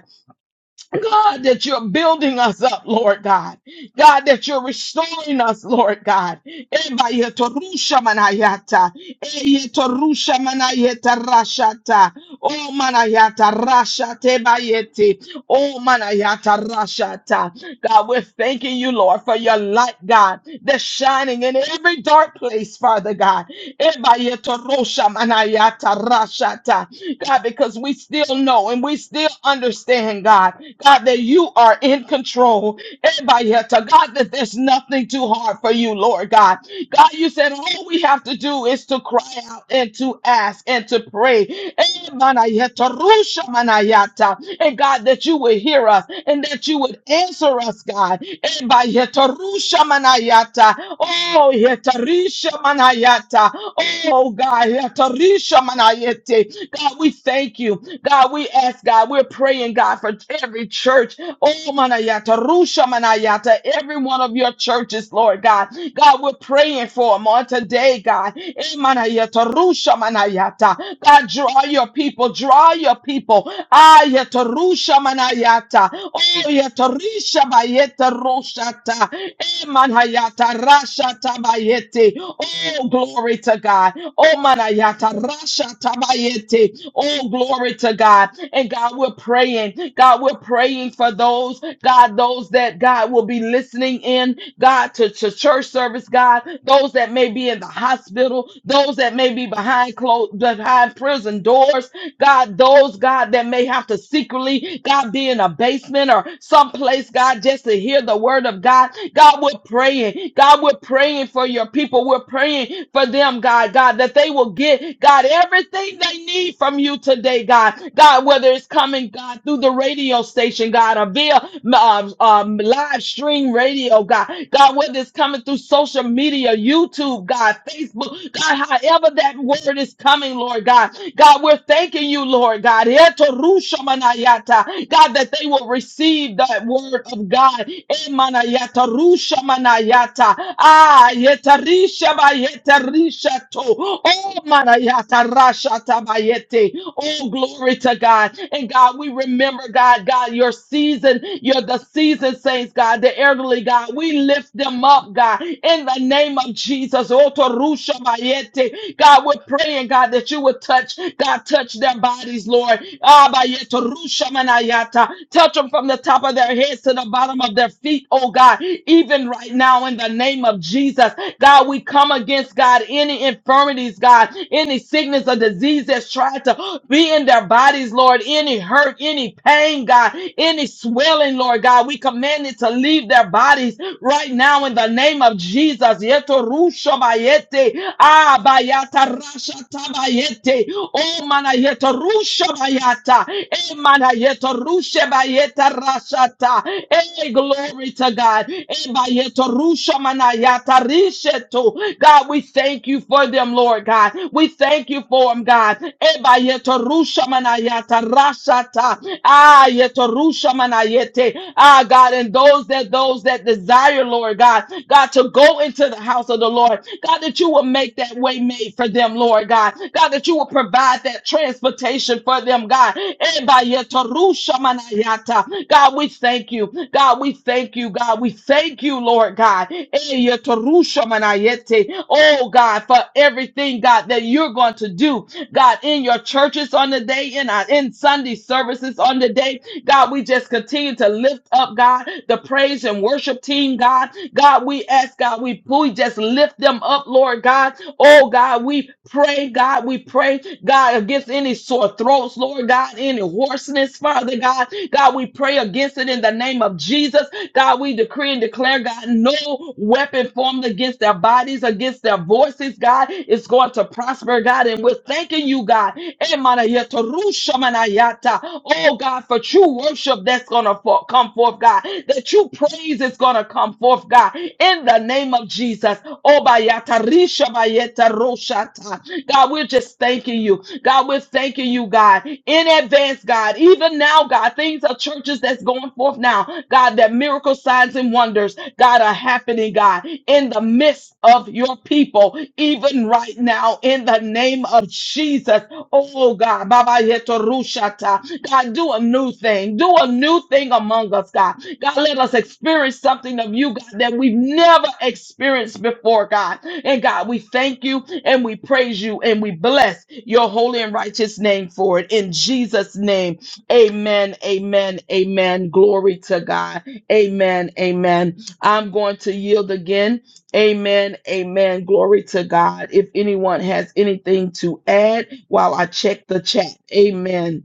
God, that you're building us up, Lord God. God, that you're restoring us, Lord God. Eba yetorusha manayata. Eyetorusha manayeta rashata. O manayata rashate bayete. O manayata rashata. God, we're thanking you, Lord, for your light, God, that's shining in every dark place, Father God. Ebayetorosha manayata rashata. God, because we still know and we still understand, God, God, that you are in control. Everybody had to God that there's nothing too hard for you, Lord God. God, you said all we have to do is to cry out and to ask and to pray. Emanayeta rusha manayata. And God, that you would hear us and that you would answer us, God. Ebayeta rusha manayata. Oh, yeta risha manayata. Oh, God. yeta risha manayete. God, we thank you. God, we ask, God, we're praying, God, for every church Oh, Manayata, Rusha Manayata, every one of your churches, Lord God. God, we're praying for them on today, God. Eh, Manayata, Rusha Manayata. God, draw your people, draw your people. Ayata, Rusha Manayata. Oh, Yata, Risha Bayeta, Roshata. Manayata Rasha Tabayete. Oh, glory to God. Oh, Manayata Rasha Tabayete. Oh, glory to God. And God, we're praying. God, we're praying for those, God, those that God will be listening in, God, to, to church service, God, those that may be in the hospital, those that may be behind closed, behind prison doors, God, those, God, that may have to secretly, God, be in a basement or someplace, God, just to hear the word of God. God, we're praying. God, we're praying for your people. We're praying for them, God, God, that they will get, God, everything they need from you today, God. God, whether it's coming, God, through the radio station, God, or via um, um, live stream radio, God. God, whether it's coming through social media, YouTube, God, Facebook, God, however that word is coming, Lord God. God, we're thanking you, Lord God. Etorushamanayata. God, that they will receive that word of God. Emanayata, rushamanayata. Ah, yetarishabayeterishato. Oh, manayata, rashatabayete. Oh, glory to God. And God, we remember, God, God, your season, your the season saints, God, the elderly, God. We lift them up, God, in the name of Jesus. Zoto Rusha Bayete. God, we're praying, God, that you would touch, God, touch their bodies, Lord. Ah, Rusha Manayata. Touch them from the top of their heads to the bottom of their feet, oh God, even right now in the name of Jesus. God, we come against, God, any infirmities, God, any sickness or disease that's tried to be in their bodies, Lord, any hurt, any pain, God, any swelling, Lord God, we command it to leave their leave their bodies right now in the name of Jesus. Yeto rusho bayete. Ah, bayata rasha tabayete. Oh, mana yeto rusho bayata. Eh, mana yeto rushe bayeta rashata. Eh, glory to God. Eh, bayeto rusho manayata risheto. God, we thank you for them, Lord God. We thank you for them, God. Eh, bayeto rusho manayata rashata. Ah, yetarusha manayete. Ah, God, and those that those that desire, Lord God, God, to go into the house of the Lord, God, that you will make that way made for them, Lord God. God, that you will provide that transportation for them, God. Eba yetarusha manayata. God, we thank you. God, we thank you. God, we thank you, Lord God. Eh, yetarusha manayete. Oh, God, for everything, God, that you're going to do God, in your churches on the day, in our in Sunday services on the day. God, we just continue to lift up, God, the praise and worship team, God. God, we ask, God, we, we just lift them up, Lord God. Oh, God, we pray, God, we pray, God, against any sore throats, Lord God, any hoarseness, Father God. God, we pray against it in the name of Jesus. God, we decree and declare, God, no no weapon formed against their bodies, against their voices, God, is going to prosper, God. And we're thanking you, God. Emanayata, Oh, God, for true worship that's going to for- come forth, God. That true praise is going to come forth, God. In the name of Jesus. Obayata, God, we're just thanking you. God, we're thanking you, God, in advance, God. Even now, God, things are churches that's going forth now, God, that miracle signs and wonders, God, are happening, God, in the midst of your people, even right now, in the name of Jesus. Oh, full, God. Baba yeto rushata. God, do a new thing. Do a new thing among us, God. God, let us experience something of you, God, that we've never experienced before, God. And God, we thank you and we praise you and we bless your holy and righteous name for it. In Jesus' name, amen, amen, amen. Glory to God. Amen, amen. I'm going to yield again Amen. Amen. Glory to God. If anyone has anything to add while I check the chat. Amen.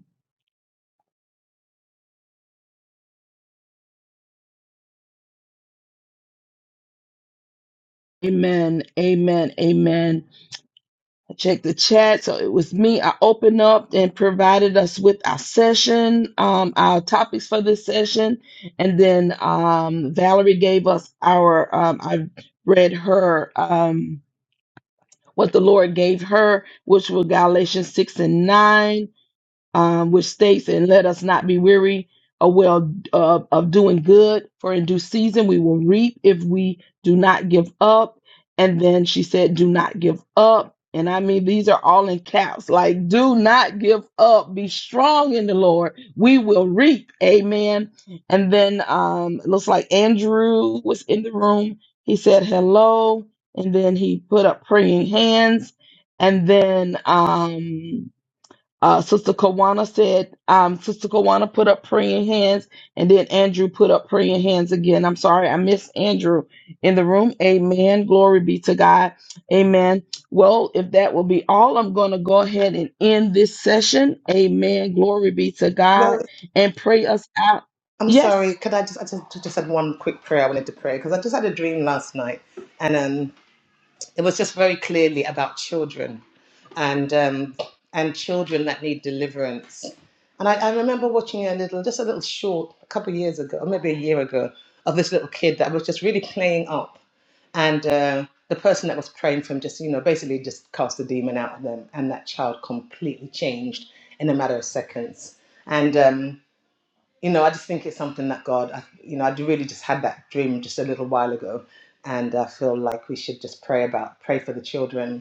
Amen. Amen. Amen. I checked the chat. So it was me. I opened up and provided us with our session, um, our topics for this session. And then um Valerie gave us our um I read her um what the Lord gave her, which were Galatians 6 and 9. um, which states, "And let us not be weary of well uh, of doing good, for in due season we will reap if we do not give up." And then she said, "Do not give up." And I mean, these are all in caps. Like, do not give up. Be strong in the Lord. We will reap. Amen. And then um, it looks like Andrew was in the room. He said hello, and then he put up praying hands, and then um, uh, Sister Kawana said, um, Sister Kawana put up praying hands, and then Andrew put up praying hands again. I'm sorry, I missed Andrew in the room. Amen. Glory be to God. Amen. Well, if that will be all, I'm going to go ahead and end this session. Amen. Glory be to God.
Lord,
And pray us out.
I'm sorry.
Yes.
Could I just, I just, just had one quick prayer I wanted to pray because I just had a dream last night and um, it was just very clearly about children and um, and children that need deliverance. And I, I remember watching a little, just a little short, a couple of years ago, or maybe a year ago, of this little kid that was just really playing up. and uh, the person that was praying for him just you know basically just cast the demon out of them and that child completely changed in a matter of seconds and um, you know i just think it's something that god I, you know i really just had that dream just a little while ago and i feel like we should just pray about pray for the children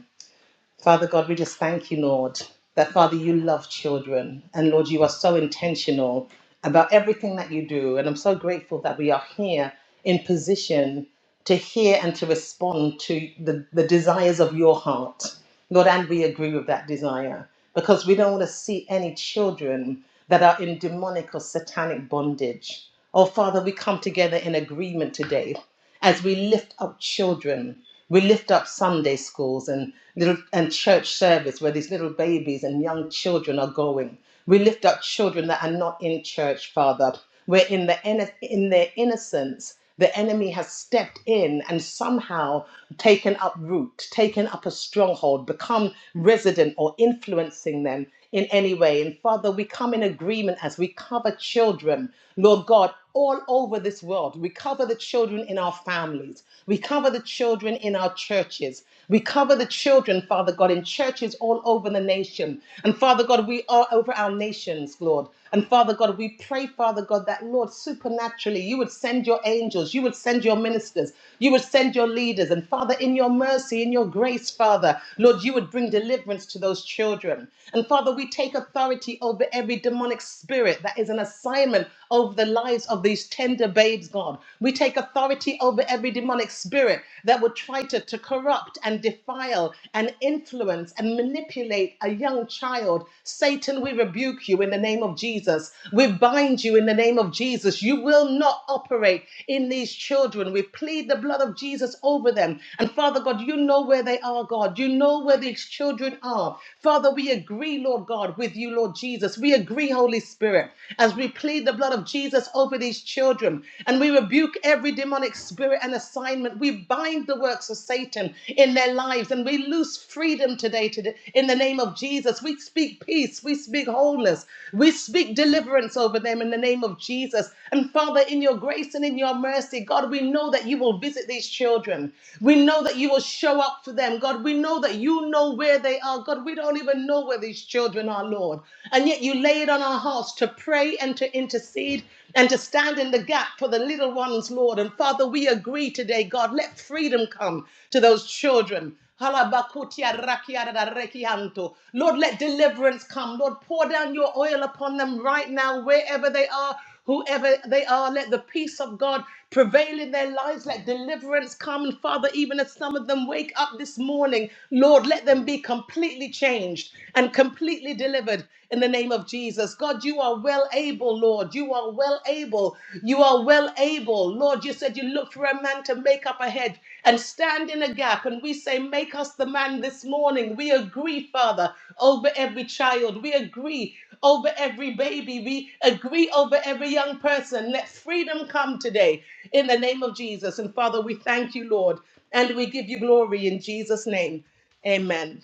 Father God, we just thank you, Lord, that Father, you love children. And Lord, you are so intentional about everything that you do. And I'm so grateful that we are here in position to hear and to respond to the, the desires of your heart. Lord, and we agree with that desire because we don't want to see any children that are in demonic or satanic bondage. Oh, Father, we come together in agreement today as we lift up children. We lift up Sunday schools and little and church service where these little babies and young children are going. We lift up children that are not in church, Father. Where in the inno- in their innocence, the enemy has stepped in and somehow taken up root, taken up a stronghold, become resident or influencing them in any way. And Father, we come in agreement as we cover children, Lord God all over this world. We cover the children in our families. We cover the children in our churches. We cover the children, Father God, in churches all over the nation. And Father God, we are over our nations, Lord. And Father God, we pray, Father God, that Lord, supernaturally, you would send your angels, you would send your ministers, you would send your leaders. And Father, in your mercy, in your grace, Father, Lord, you would bring deliverance to those children. And Father, we take authority over every demonic spirit that is in assignment assignment over the lives of these tender babes, God. We take authority over every demonic spirit that would try to, to corrupt and defile and influence and manipulate a young child. Satan, we rebuke you in the name of Jesus. We bind you in the name of Jesus. You will not operate in these children. We plead the blood of Jesus over them. And Father God, you know where they are, God. You know where these children are. Father, we agree, Lord God, with you, Lord Jesus. We we agree, Holy Spirit, as we plead the blood of Jesus over these children, and we rebuke every demonic spirit and assignment. We bind the works of Satan in their lives, and we loose freedom today to the- in the name of Jesus. We speak peace, we speak wholeness, we speak deliverance over them in the name of Jesus. And Father, in your grace and in your mercy, God, we know that you will visit these children. We know that you will show up for them. God, we know that you know where they are. God, we don't even know where these children children, our Lord. And yet you lay it on our hearts to pray and to intercede and to stand in the gap for the little ones, Lord. And Father, we agree today, God, let freedom come to those children. Halabakutia rakiarada rekianto. Lord, let deliverance come. Lord, pour down your oil upon them right now, wherever they are, Whoever they are, let the peace of God prevail in their lives. Let deliverance come. And Father, even as some of them wake up this morning, Lord, let them be completely changed and completely delivered in the name of Jesus. God, you are well able, Lord. You are well able. You are well able. Lord, you said you look for a man to make up a head and stand in a gap. And we say, Make us the man this morning. We agree, Father, over every child. We agree over every baby. We agree over every young person. Let freedom come today in the name of Jesus. And Father, we thank you, Lord, and we give you glory in Jesus' name. Amen.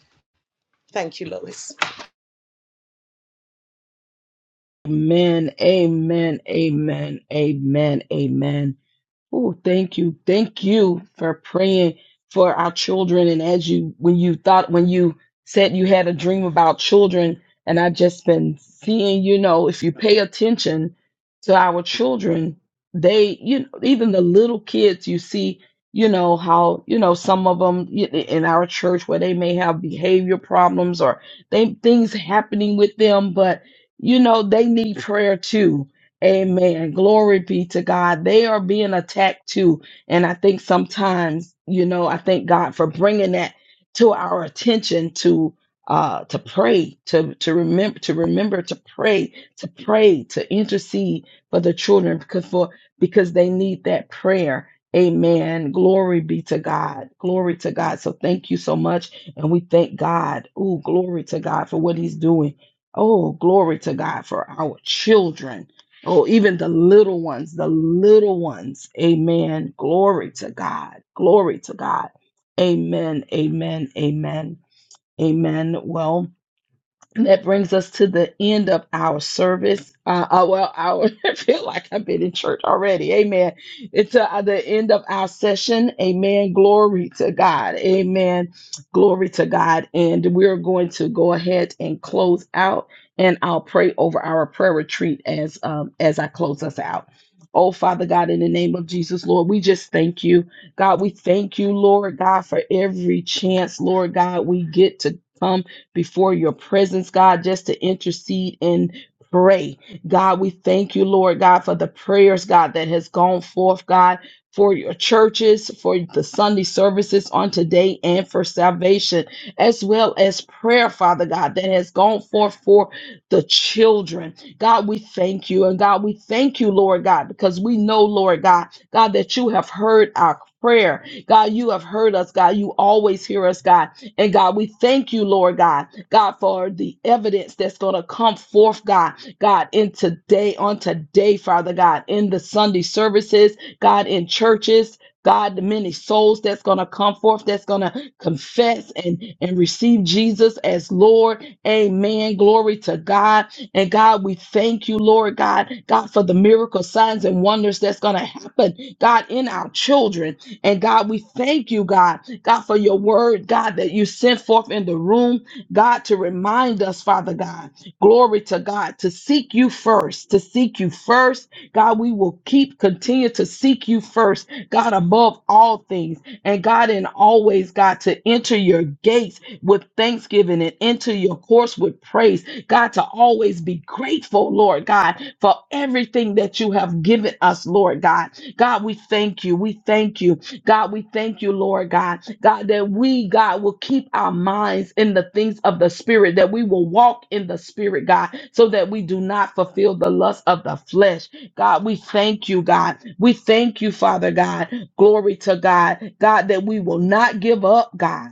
Thank you, Lois.
Amen. Amen. Amen. Amen. Amen. Oh, thank you. Thank you for praying for our children. And as you, when you thought, when you said you had a dream about children, and I've just been seeing, you know, if you pay attention to our children, they, you know, even the little kids, you see, you know, how, you know, some of them in our church where they may have behavior problems or they, things happening with them, but, you know, they need prayer too Amen. Glory be to God. They are being attacked too. And I think sometimes, you know, I thank God for bringing that to our attention to uh to pray, to to remember to remember to pray, to pray, to intercede for the children because for because they need that prayer. Amen. Glory be to God. Glory to God. So thank you so much and we thank God. Oh, glory to God for what he's doing. Oh, glory to God for our children. Oh, even the little ones, the little ones. Amen. Glory to God. Glory to God. Amen. Amen. Amen. Amen. Well, and that brings us to the end of our service. Uh, uh, well, our, I feel like I've been in church already. Amen. It's uh, the end of our session. Amen. Glory to God. Amen. Glory to God. And we're going to go ahead and close out, and I'll pray over our prayer retreat as um, as I close us out. Oh, Father God, in the name of Jesus, Lord, we just thank you. God, we thank you, Lord God, for every chance, Lord God, we get to come before your presence, God, just to intercede and pray. God, we thank you, Lord God, for the prayers, God, that has gone forth, God, for your churches, for the Sunday services on today, and for salvation, as well as prayer, Father God, that has gone forth for the children. God, we thank you. And God, we thank you, Lord God, because we know, Lord God, God, that you have heard our prayer. God, you have heard us, God. You always hear us, God and God, we thank you, Lord God, God, for the evidence that's going to come forth, God, God, in today, on today, Father God, in the Sunday services, God, in churches. God, the many souls that's going to come forth, that's going to confess and, and receive Jesus as Lord. Amen. Glory to God. And God, we thank you, Lord God, God, for the miracle signs and wonders that's going to happen, God, in our children. And God, we thank you, God, God, for your word, God, that you sent forth in the room, God, to remind us, Father God, glory to God, to seek you first, to seek you first. God, we will keep, continue to seek you first, God, above all things. And God, in always, God, to enter your gates with thanksgiving and enter your course with praise. God, to always be grateful, Lord God, for everything that you have given us, Lord God. God, we thank you. We thank you. God, we thank you, Lord God. God, that we, God, will keep our minds in the things of the Spirit, that we will walk in the Spirit, God, so that we do not fulfill the lust of the flesh. God, we thank you, God. We thank you, Father God. Glory to God. God, that we will not give up, God.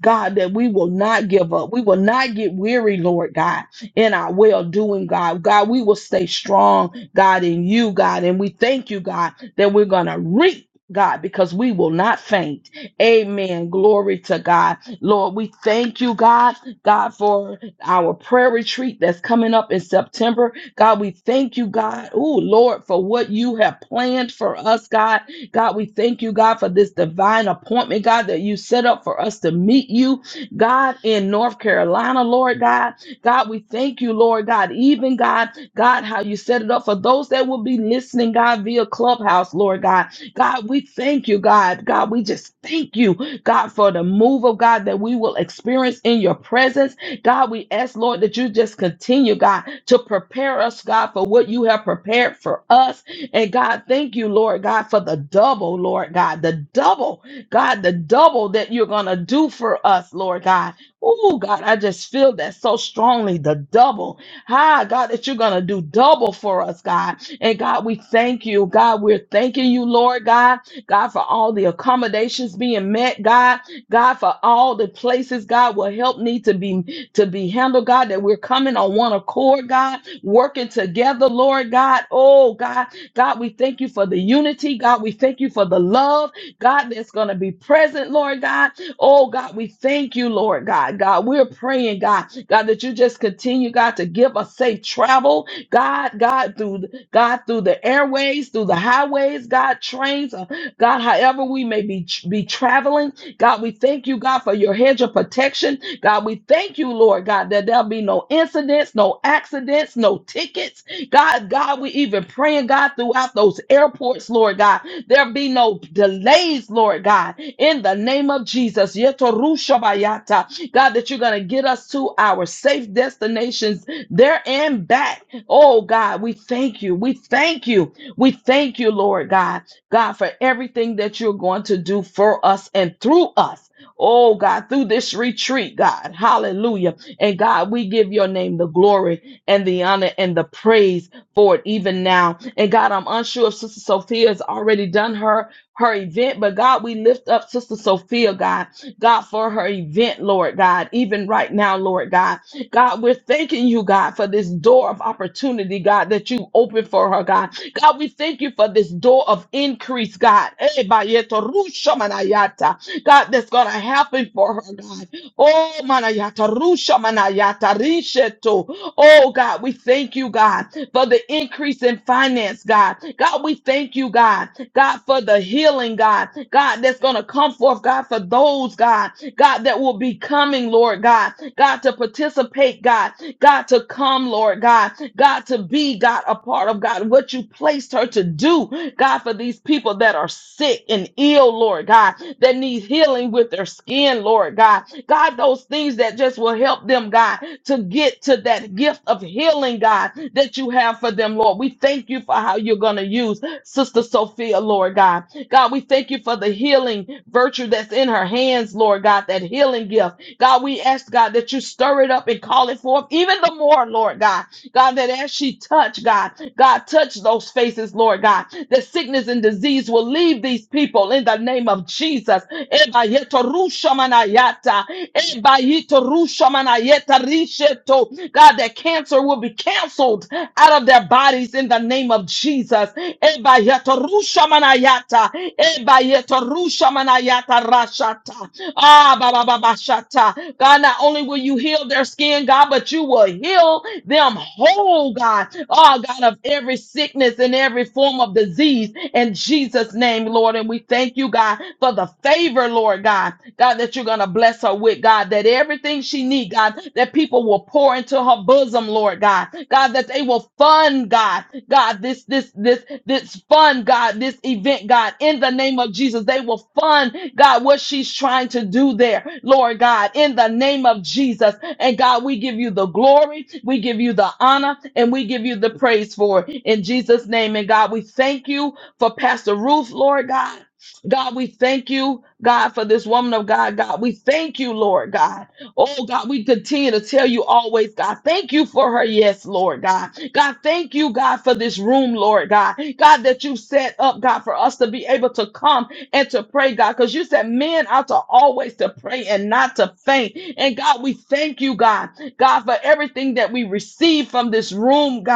God, that we will not give up. We will not get weary, Lord God, in our well doing, God. God, we will stay strong, God, in you, God. And we thank you, God, that we're going to reap. God, because we will not faint. Amen. Glory to God. Lord, we thank you, God, God, for our prayer retreat that's coming up in September. God, we thank you, God. Oh, Lord, for what you have planned for us, God. God, we thank you, God, for this divine appointment, God, that you set up for us to meet you, God, in North Carolina, Lord God. God, we thank you, Lord God, even God, God, how you set it up for those that will be listening, God, via Clubhouse, Lord God. God, we thank you, God. God, we just thank you, God, for the move of God that we will experience in your presence. God, we ask, Lord, that you just continue, God, to prepare us, God, for what you have prepared for us. And God, thank you, Lord, God, for the double, Lord, God, the double, God, the double that you're going to do for us, Lord, God. Oh, God, I just feel that so strongly, the double. Ah, God, that you're going to do double for us, God. And God, we thank you. God, we're thanking you, Lord God. God, for all the accommodations being met, God. God, for all the places, God, will help need to be to be handled, God, that we're coming on one accord, God, working together, Lord God. Oh, God, God, we thank you for the unity. God, we thank you for the love, God, that's going to be present, Lord God. Oh God, we thank you, Lord God. God, we're praying, God, God, that you just continue, God, to give us safe travel, God, God, through God, through the airways, through the highways, God, trains, uh, God, however we may be, be traveling. God, we thank you, God, for your hedge of protection. God, we thank you, Lord God, that there'll be no incidents, no accidents, no tickets. God, God, we even praying, God, throughout those airports, Lord God. There be no delays, Lord God, in the name of Jesus. Yetorushabayata. God, that you're going to get us to our safe destinations there and back. Oh, God, we thank you. We thank you. We thank you, Lord God, God, for everything that you're going to do for us and through us. Oh, God, through this retreat, God. Hallelujah. And God, we give your name the glory and the honor and the praise for it even now. And God, I'm unsure if Sister Sophia has already done her her event, but God, we lift up Sister Sophia, God, God, for her event, Lord God, even right now, Lord God. God, we're thanking you, God, for this door of opportunity, God, that you opened for her, God. God, we thank you for this door of increase, God. Eh, bayeto rusha manayata. God, that's going to happen for her, God. Oh, manayata rusha manayata risheto. Oh, God, we thank you, God, for the increase in finance, God. God, we thank you, God. God, for the healing, God. God, that's going to come forth, God, for those, God, God, that will be coming, Lord God. God, to participate, God. God, to come, Lord God, God, to be, God, a part of God, what you placed her to do, God, for these people that are sick and ill, Lord God, that need healing with their skin, Lord God. God, those things that just will help them, God, to get to that gift of healing, God, that you have for them, Lord. We thank you for how you're going to use Sister Sophia, Lord God. God, we thank you for the healing virtue that's in her hands, Lord God, that healing gift. God, we ask, God, that you stir it up and call it forth even the more, Lord God. God, that as she touch, God, God, touch those faces, Lord God, that sickness and disease will leave these people in the name of Jesus. Ebayetorushamanayata, ebayetorushamanayeta risheto. God, that cancer will be canceled out of their bodies in the name of Jesus. Ebayetorushamanayata, ebayetorushamanayata rashata. Ah, ba ba ba ba shata. God, not only will you heal their skin, God, but you will heal them whole, God. Oh, God, of every sickness and every form of disease in Jesus' name, Lord. And we thank you, God, for the favor, Lord God. God, that you're gonna bless her with, God, that everything she needs, God, that people will pour into her bosom them, Lord God. God, that they will fund, God, God, this, this, this, this fund, God, this event, God, in the name of Jesus. They will fund, God, what she's trying to do there, Lord God, in the name of Jesus. And God, we give you the glory, we give you the honor, and we give you the praise for it in Jesus' name. And God, we thank you for Pastor Ruth, Lord God. God, we thank you, God, for this woman of God. God, we thank you, Lord God. Oh God, we continue to tell you always, God, thank you for her. Yes, Lord God. God, thank you, God, for this room, Lord God. God, that you set up, God, for us to be able to come and to pray, God, because you said men ought to always to pray and not to faint. And God, we thank you, God, God, for everything that we receive from this room, God.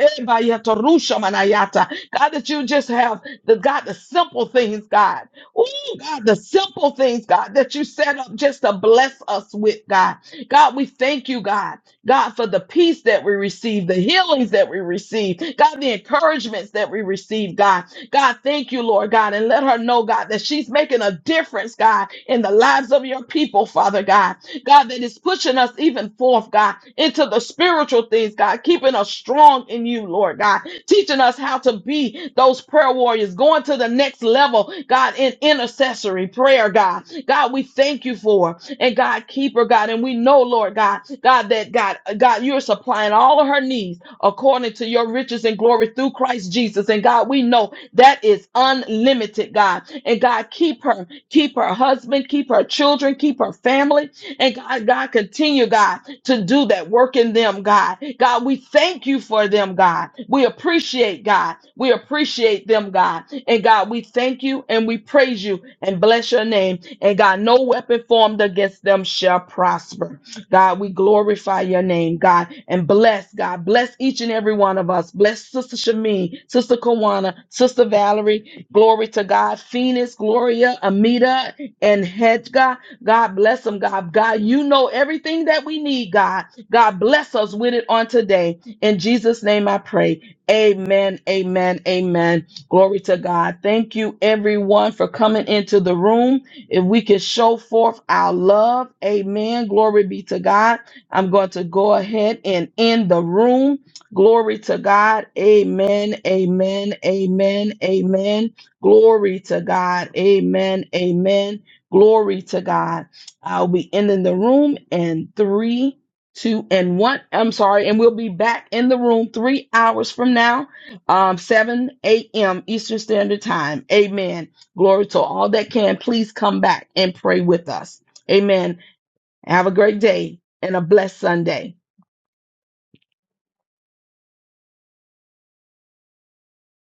God, that you just have the God, the simple things, God. Oh, God, the simple things, God, that you set up just to bless us with, God. God, we thank you, God. God, for the peace that we receive, the healings that we receive, God, the encouragements that we receive, God. God, thank you, Lord God, and let her know, God, that she's making a difference, God, in the lives of your people, Father God. God, that is pushing us even forth, God, into the spiritual things, God, keeping us strong in you, Lord God, teaching us how to be those prayer warriors, going to the next level, God, in intercessory prayer, God. God, we thank you for, her. and God, keeper, God, and we know, Lord God, God, that God, God, you're supplying all of her needs according to your riches and glory through Christ Jesus. And God, we know that is unlimited, God. And God, keep her, keep her husband, keep her children, keep her family. And God, God, continue, God, to do that work in them, God. God, we thank you for them, God. We appreciate, God. We appreciate them, God. And God, we thank you and we praise you and bless your name. And God, no weapon formed against them shall prosper. God, we glorify your name, God, and bless, God. Bless each and every one of us. Bless Sister Shamin, Sister Kawana, Sister Valerie. Glory to God. Phoenix, Gloria, Amita, and Hedga. God bless them, God. God, you know everything that we need, God. God bless us with it on today. In Jesus' name I pray. Amen, amen, amen. Glory to God. Thank you, everyone, for coming into the room. If we can show forth our love, amen. Glory be to God. I'm going to go ahead and end the room. Glory to God. Amen, amen, amen, amen. Glory to God. Amen, amen. Glory to God. I'll be ending the room in three, two, and one. I'm sorry. And we'll be back in the room three hours from now, um, 7 a.m. Eastern Standard Time. Amen. Glory to all that can. Please come back and pray with us. Amen. Have a great day and a blessed Sunday.